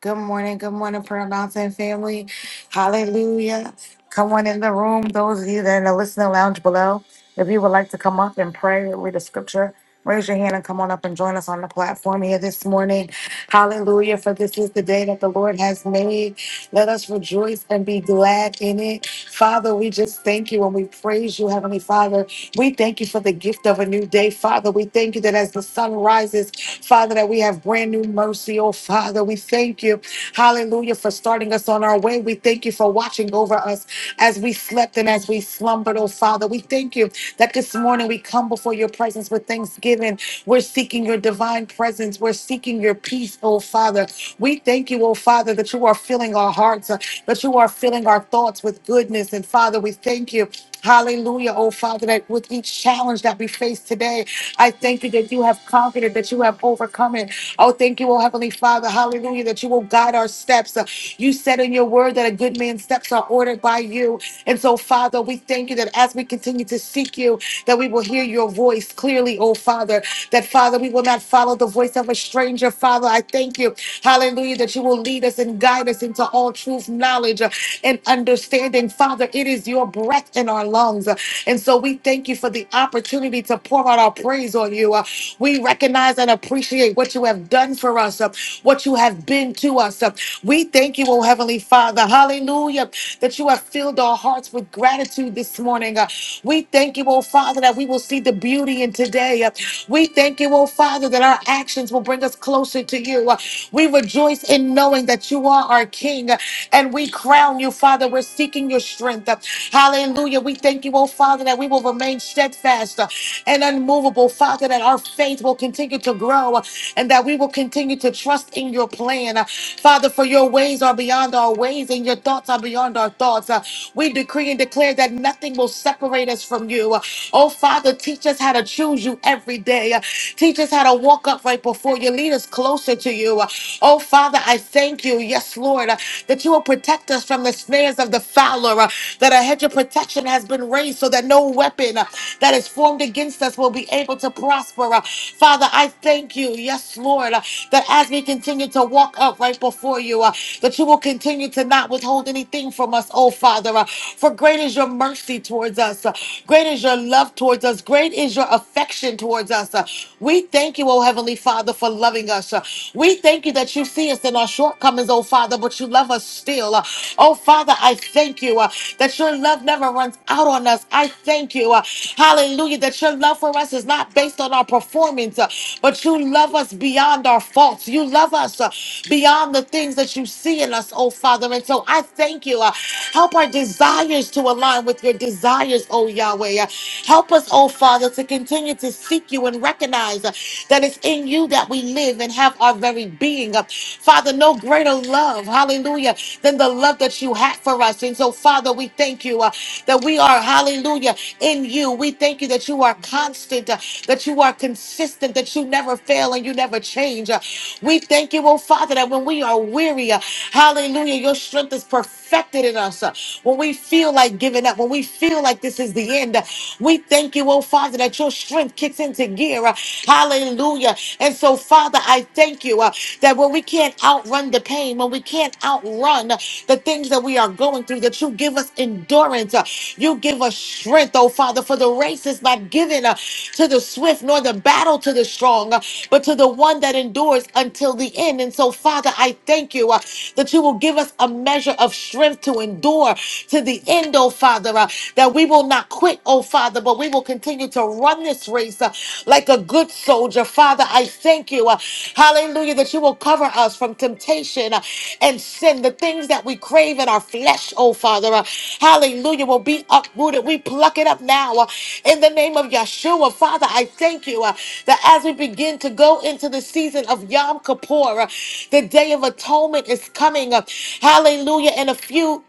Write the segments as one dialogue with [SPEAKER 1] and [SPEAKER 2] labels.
[SPEAKER 1] Good morning, good morning, Prayer Mountain family. Hallelujah. Come on in the room, those of you that are in the listening lounge below. If you would like to come up and pray read a scripture, raise your hand and come on up and join us on the platform here this morning. Hallelujah, for this is the day that the Lord has made. Let us rejoice and be glad in it. Father, we just thank you and we praise you, Heavenly Father. We thank you for the gift of a new day, Father. We thank you that as the sun rises, Father, that we have brand new mercy. Oh, Father, we thank you. Hallelujah for starting us on our way. We thank you for watching over us as we slept and as we slumbered. Oh, Father, we thank you that this morning we come before your presence with thanksgiving. We're seeking your divine presence. We're seeking your peace, oh, Father. We thank you, oh, Father, that you are filling our hearts, uh, that you are filling our thoughts with goodness. And Father, we thank you. Hallelujah, oh Father, that with each challenge that we face today, I thank you that you have conquered it, that you have overcome it. Oh, thank you, oh Heavenly Father, hallelujah, that you will guide our steps. Uh, You said in your word that a good man's steps are ordered by you. And so, Father, we thank you that as we continue to seek you, that we will hear your voice clearly, oh Father, that Father, we will not follow the voice of a stranger. Father, I thank you, hallelujah, that you will lead us and guide us into all truth, knowledge, uh, and understanding understanding. Father, it is your breath in our lungs. And so we thank you for the opportunity to pour out our praise on you. Uh, We recognize and appreciate what you have done for us, uh, what you have been to us. Uh, We thank you, oh Heavenly Father. Hallelujah. That you have filled our hearts with gratitude this morning. Uh, We thank you, oh Father, that we will see the beauty in today. Uh, We thank you, oh Father, that our actions will bring us closer to you. Uh, We rejoice in knowing that you are our King. King. And we crown you, Father. We're seeking your strength. Hallelujah. We thank you, oh Father, that we will remain steadfast and unmovable, Father, that our faith will continue to grow and that we will continue to trust in your plan. Father, for your ways are beyond our ways and your thoughts are beyond our thoughts. Uh, We decree and declare that nothing will separate us from you. Uh, Oh, Father, teach us how to choose you every day. Uh, Teach us how to walk upright before you. Lead us closer to you. Uh, Oh, Father, I thank you. Yes, Lord, uh, that you will protect us from the snares of the fowler, uh, that a hedge of protection has been raised so that no weapon uh, that is formed against us will be able to prosper. Uh, Father, I thank you. Yes, Lord, uh, that as we continue to walk up right before you, uh, that you will continue to not withhold anything from us, oh Father. uh, for great is your mercy towards us, uh, great is your love towards us, great is your affection towards us. uh. we thank you, oh Heavenly Father. Father, for loving us. Uh, We thank you that you see us in our shortcomings, oh Father, but you love us still. Uh, Oh Father, I thank you uh, that your love never runs out on us. I thank you, uh, hallelujah, that your love for us is not based on our performance, uh, but you love us beyond our faults. You love us uh, beyond the things that you see in us, oh Father. And so I thank you. uh, help our desires to align with your desires, oh Yahweh. Uh, help us, oh Father, to continue to seek you you and recognize uh, that it's in you that we live and have our very being. Uh, Father, no greater love, hallelujah, than the love that you had for us. And so, Father, we thank you uh, that we are, hallelujah, in you. We thank you that you are constant, uh, that you are consistent, that you never fail and you never change. Uh, we thank you, oh Father, that when we are weary, uh, hallelujah, your strength is perfected in us. Uh, when we feel like giving up, when we feel like this is the end, uh, we thank you, oh Father, that your strength kicks into gear. uh, Hallelujah. And so, Father, I thank you uh, that when we can't outrun the pain, when we can't outrun uh, the things that we are going through, that you give us endurance. uh, You give us strength, oh Father, for the race is not given uh, to the swift nor the battle to the strong, uh, but to the one that endures until the end. And so, Father, I thank you uh, that you will give us a measure of strength to endure to the end, oh Father. Father, uh, that we will not quit, oh Father, but we will continue to run this race uh, like a good soldier. Father, I thank you, uh, hallelujah, that you will cover us from temptation uh, and sin, the things that we crave in our flesh, oh Father, uh, hallelujah, will be uprooted. We pluck it up now uh, in the name of Yeshua. Father, I thank you uh, that as we begin to go into the season of Yom Kippur, uh, the Day of Atonement is coming. uh, hallelujah, in a few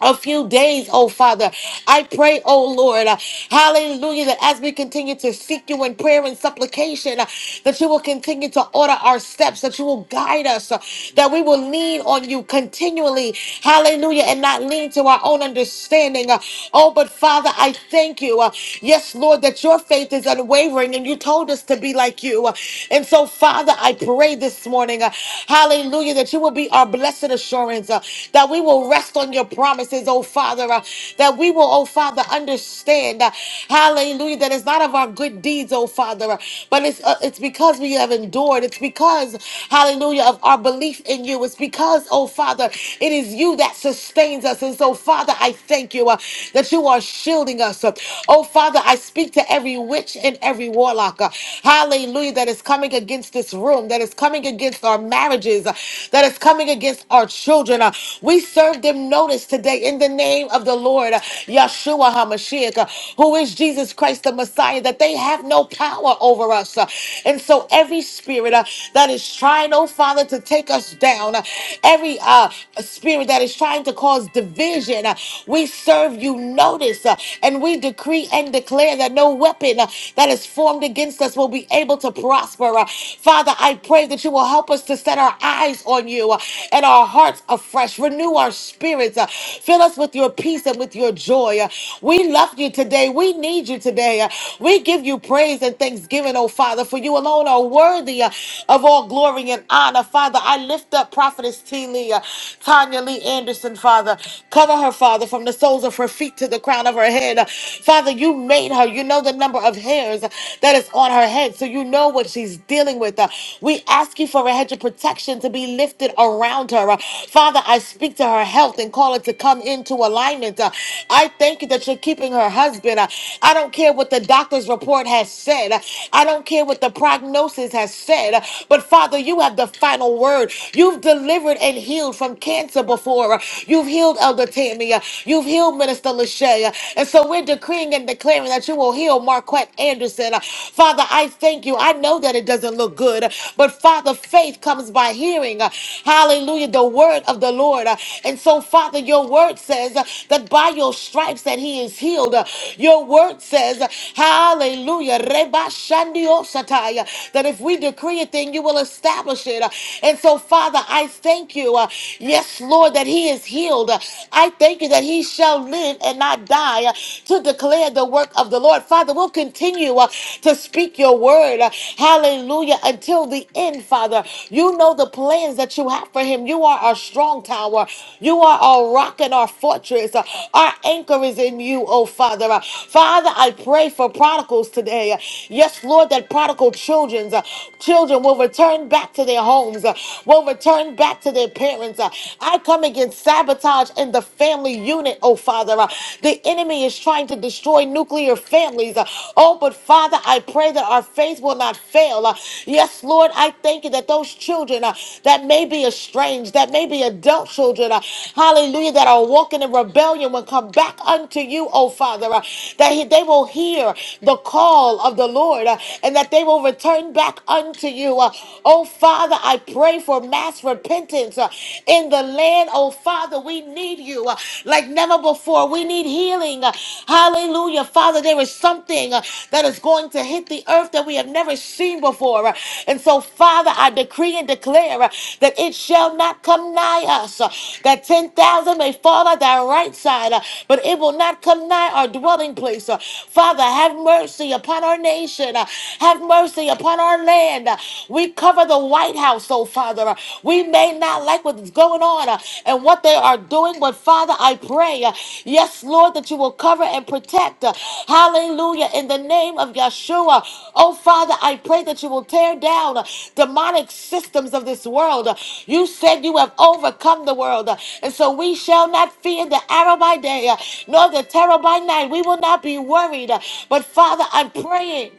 [SPEAKER 1] a few days, oh Father. I pray, oh Lord, uh, hallelujah, that as we continue to seek you in prayer and supplication, uh, that you will continue to order our steps, that you will guide us, uh, that we will lean on you continually, hallelujah, and not lean to our own understanding. uh, oh, but Father, I thank you, uh, yes, Lord, that your faith is unwavering and you told us to be like you. uh, and so, Father, I pray this morning, uh, hallelujah, that you will be our blessed assurance assurance uh, that we will rest on your promises, oh Father, uh, that we will, oh Father, understand, uh, hallelujah, that it's not of our good deeds, oh Father, uh, but it's, uh, it's because we have endured. It's because, hallelujah, of our belief in you. It's because, oh Father, it is you that sustains us. And so, Father, I thank you uh, that you are shielding us. Uh, oh Father, I speak to every witch and every warlock, uh, hallelujah, that is coming against this room, that is coming against our our marriages, uh, that is coming against our children. uh, We serve them notice today in the name of the Lord, uh, Yeshua HaMashiach, uh, who is Jesus Christ the Messiah, that they have no power over us. uh, And so every spirit uh, that is trying, oh Father, to take us down, uh, every uh, spirit that is trying to cause division, uh, we serve you notice uh, and we decree and declare that no weapon uh, that is formed against us will be able to prosper prosper. Uh, Father, I pray that you will help us to set our eyes on you uh, and our hearts afresh. Renew our spirits. uh, Fill us with your peace and with your joy. Uh, We love you today. We need you today. Uh, We give you praise and thanksgiving, oh Father, for you alone are worthy uh, of all glory and honor. Father, I lift up Prophetess T. Lee, uh, Tanya Lee Anderson, Father. Cover her, Father, from the soles of her feet to the crown of her head. Uh, Father, you made her. You know the number of hairs hairs that is on her head. So you know what she's dealing with. Uh, We ask you for a hedge of protection to be lifted around her. Uh, Father, I speak to her health and call it to come into alignment. Uh, I thank you that you're keeping her husband. Uh, I don't care what the doctor's report has said. Uh, I don't care what the prognosis has said. Uh, But Father, you have the final word. You've delivered and healed from cancer before. Uh, You've healed Elder Tammy. Uh, You've healed Minister Lachey. Uh, And so we're decreeing and declaring that you will heal Marquette Anderson. Father, I thank you. I know that it doesn't look good, but Father, faith comes by hearing. Hallelujah, the word of the Lord. And so, Father, your word says that by your stripes that he is healed. Your word says, hallelujah, Reba Shandio Sataya, that if we decree a thing, you will establish it. And so, Father, I thank you. Yes, Lord, that he is healed. I thank you that he that he shall live and not die uh, to declare the work of the Lord. Father, we'll continue uh, to speak your word. uh, Hallelujah. Until the end, Father. You know the plans that you have for him. You are our strong tower. You are our rock and our fortress. Uh, Our anchor is in you, oh Father. Uh, Father, I pray for prodigals today. Uh, Yes, Lord, that prodigal children's uh, children will return back to their homes, uh, will return back to their parents. Uh, I come against sabotage in the family unit, oh Father. Uh, The enemy is trying to destroy nuclear families. Uh, Oh, but Father, I pray that our faith will not fail. Uh, Yes, Lord, I thank you that those children uh, that may be estranged, that may be adult children, uh, hallelujah, that are walking in rebellion will come back unto you, oh Father, uh, that he- they will hear the call of the Lord uh, and that they will return back unto you. Uh, Oh Father, I pray for for mass repentance uh, in the land. Oh, Father, we need you uh, like never before. We need healing. Uh, Hallelujah. Father, there is something uh, that is going to hit the earth that we have never seen before. Uh, And so, Father, I decree and declare uh, that it shall not come nigh us, uh, that 10,000 may fall at thy right side, uh, but it will not come nigh our dwelling place. Uh, Father, have mercy upon our nation. Uh, Have mercy upon our land. We cover the White House, oh Father. We may not like what's going on uh, and what they are doing, but Father, I pray, uh, yes, Lord, that you will cover and protect. uh, Hallelujah. In the name of Yeshua. Oh Father, I pray that you will tear down uh, demonic systems of this world. Uh, You said you have overcome the world. uh, And so we shall not fear the arrow by day, uh, nor the terror by night. We will not be worried. uh, But Father, I'm praying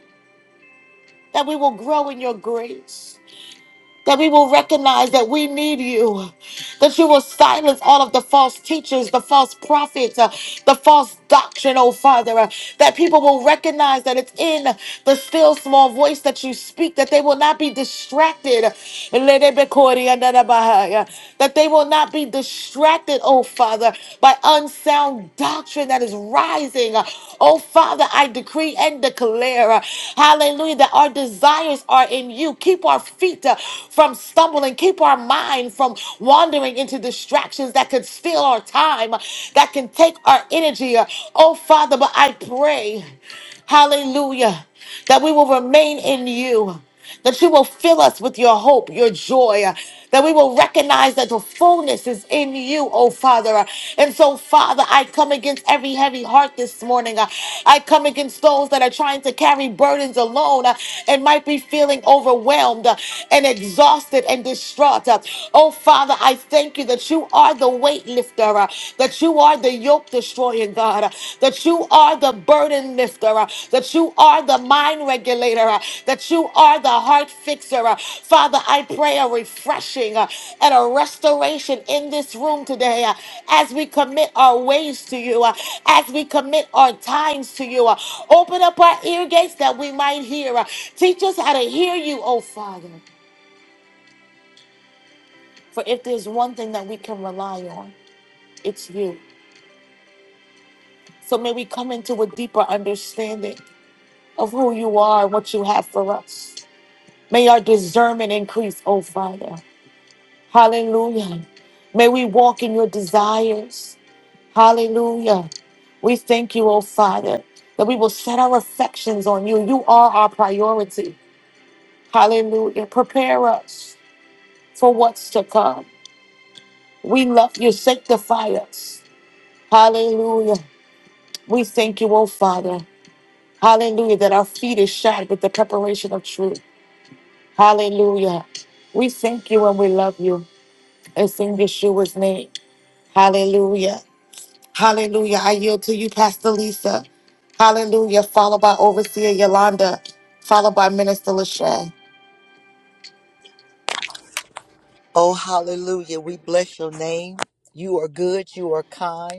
[SPEAKER 1] that we will grow in your grace that we will recognize that we need you, that you will silence all of the false teachers, the false prophets, uh, the false doctrine, oh Father, uh, that people will recognize that it's in the still small voice that you speak, that they will not be distracted, that they will not be distracted, oh Father, by unsound doctrine that is rising. Uh, Oh Father, I decree and declare, uh, hallelujah, that our desires are in you. Keep our feet. uh, from stumbling. Keep our mind from wandering into distractions that could steal our time, that can take our energy. Oh, Father, but I pray, hallelujah, that we will remain in you that you will fill us with your hope, your joy that we will recognize that the fullness is in you, oh Father. And so, Father, I come against every heavy heart this morning. Uh, I come against those that are trying to carry burdens alone uh, and might be feeling overwhelmed uh, and exhausted and distraught. Uh, Oh Father, I thank you that you are the weight lifter, uh, that you are the yoke destroying God, uh, That you are the burden lifter, uh, that you are the mind regulator, uh, that you are the heart fixer. uh. Father, I pray a refreshing uh, and a restoration in this room today uh, as we commit our ways to you, uh, as we commit our times to you. uh. Open up our ear gates that we might hear. uh. Teach us how to hear you, oh Father. For if there's one thing that we can rely on, it's you. So may we come into a deeper understanding. of who you are and what you have for us. May our discernment increase, oh Father. Hallelujah. May we walk in your desires. Hallelujah. We thank you, oh Father, that we will set our affections on you. You are our priority. Hallelujah. Prepare us for what's to come. We love you. Sanctify us. Hallelujah. We thank you, oh Father. Hallelujah, that our feet is shod with the preparation of truth. Hallelujah. We thank you and we love you. It's in Yeshua's name. Hallelujah. Hallelujah. I yield to you, Pastor Lisa. Hallelujah. Followed by Overseer Yolanda, followed by Minister Lachey.
[SPEAKER 2] Oh, hallelujah. We bless your name. You are good. You are kind.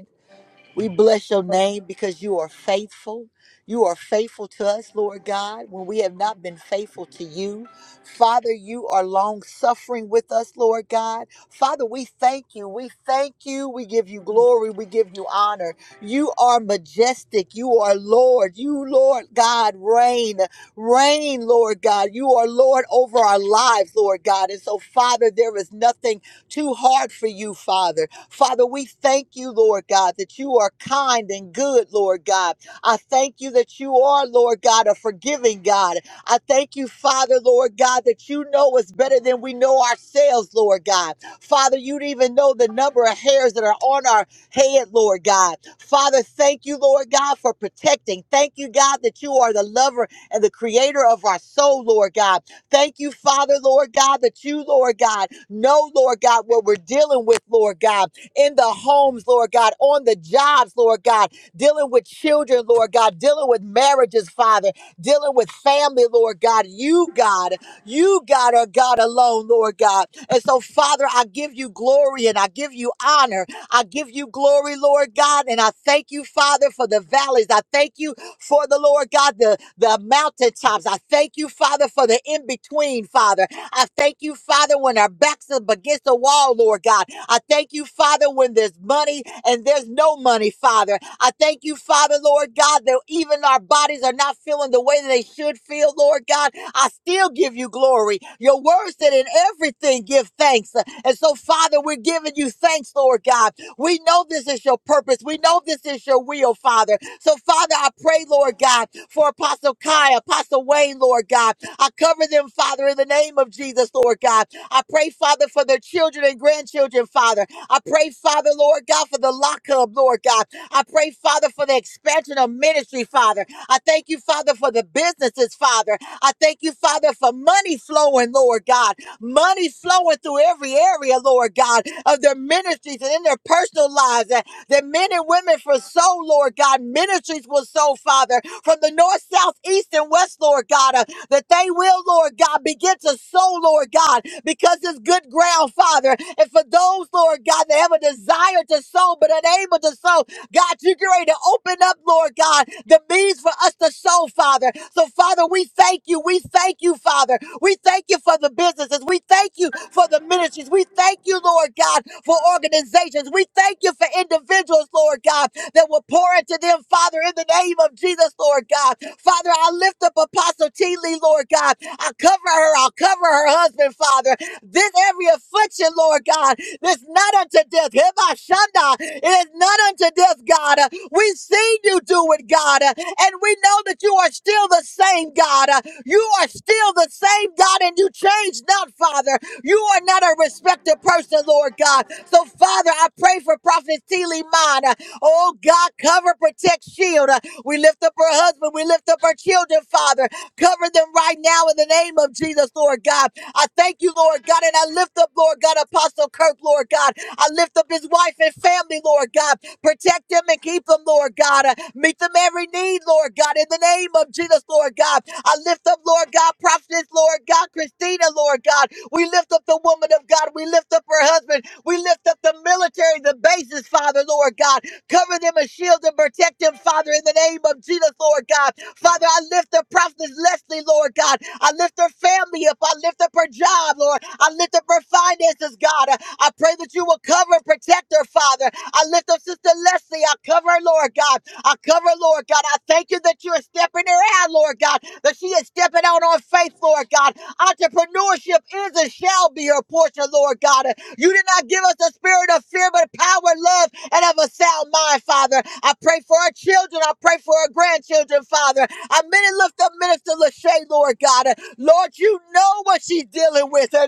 [SPEAKER 2] We bless your name because you are faithful. You are faithful to us, Lord God, when we have not been faithful to you. Father, you are long suffering with us, Lord God. Father, we thank you. We thank you. We give you glory. We give you honor. You are majestic. You are Lord. You, Lord God, reign. Reign, Lord God. You are Lord over our lives, Lord God. And so, Father, there is nothing too hard for you, Father. Father, we thank you, Lord God, that you are kind and good, Lord God. I thank you that you are, Lord God, a forgiving God. I thank you, Father, Lord God, that you know us better than we know ourselves, Lord God. Father, you'd even know the number of hairs that are on our head, Lord God. Father, thank you, Lord God, for protecting. Thank you, God, that you are the lover and the creator of our soul, Lord God. Thank you, Father, Lord God, that you, Lord God, know, Lord God, what we're dealing with, Lord God in the homes, Lord God, on the jobs, Lord God, dealing with children, Lord God, dealing with marriages, Father, dealing with family, Lord God. You, God, you, God, are God alone, Lord God. And so, Father, I give you glory and I give you honor. I give you glory, Lord God, and I thank you, Father, for the valleys. I thank you for the Lord God, the, the mountaintops. I thank you, Father, for the in between, Father. I thank you, Father, when our backs are against the wall, Lord God. I thank you, Father, when there's money and there's no money, Father. I thank you, Father, Lord God, that even our bodies are not feeling the way that they should feel, Lord God. I still give you glory. Your word said, in everything, give thanks. And so, Father, we're giving you thanks, Lord God. We know this is your purpose. We know this is your will, Father. So, Father, I pray, Lord God, for Apostle Kai, Apostle Wayne, Lord God. I cover them, Father, in the name of Jesus, Lord God. I pray, Father, for their children and grandchildren, Father. I pray, Father, Lord God, for the lockup, Lord God. I pray, Father, for the expansion of ministry, Father. I thank you, Father, for the businesses, Father. I thank you, Father, for money flowing, Lord God. Money flowing through every area, Lord God, of their ministries and in their personal lives. That, that men and women for soul, Lord God, ministries will sow, Father, from the north, south, east, and west, Lord God. Uh, that they will, Lord God, begin to sow, Lord God, because it's good ground, Father. And for those, Lord God, that have a desire to sow but unable to sow, God, you're ready to open up, Lord God, the means for us to sow, Father. So, Father, we thank you. We thank you, Father. We thank you for the businesses. We thank you for the ministries. We thank you, Lord God, for organizations. We thank you for individuals, Lord God, that will pour into them, Father, in the name of Jesus, Lord God. Father, I lift up Apostle T. Lee, Lord God. I cover her. I'll cover her husband, Father. This every affliction, Lord God, that's not unto death. Heba shanda. It is not unto death, God. Uh, We've seen you do it, God. Uh, And we know that you are still the same, God. Uh, You are still the same, God, and you change not, Father. You are not a respected person, Lord God. So, Father, I pray for Prophet T. Lee Mine. Oh God, cover, protect, shield. Uh, We lift up her husband. We lift up her children, Father. Cover them right now in the name of Jesus, Lord God. I thank you, Lord God, and I lift up, Lord God, Apostle Kirk, Lord God. I lift up his wife and family, Lord God. Protect them and keep them, Lord God. Uh, Meet them every need, Lord God, in the name of Jesus, Lord God. I lift up, Lord God, Prophetess, Lord God, Christina, Lord God. We lift up the woman of God. We lift up her husband. We lift up the military, the bases, Father, Lord God. Cover them and shield and protect them, Father, in the name of Jesus, Lord God. Father, I lift the prophetess Leslie, Lord God. I lift her family up. I lift up her job, Lord. I lift up her finances, God. I I pray that you will cover and protect her, Father. I lift up Sister Leslie. I cover her, Lord God. I cover, Lord God. I thank you that you are stepping her out, Lord God, that she is stepping out on faith, Lord God. Entrepreneurship is and shall be her portion, Lord God. You did not give us a spirit of fear, but power, love, and of a sound mind, Father. I pray for our children. I pray for our grandchildren, Father. I many lift up Minister Lachey, Lord God. Lord, you know what she's dealing with. Oh,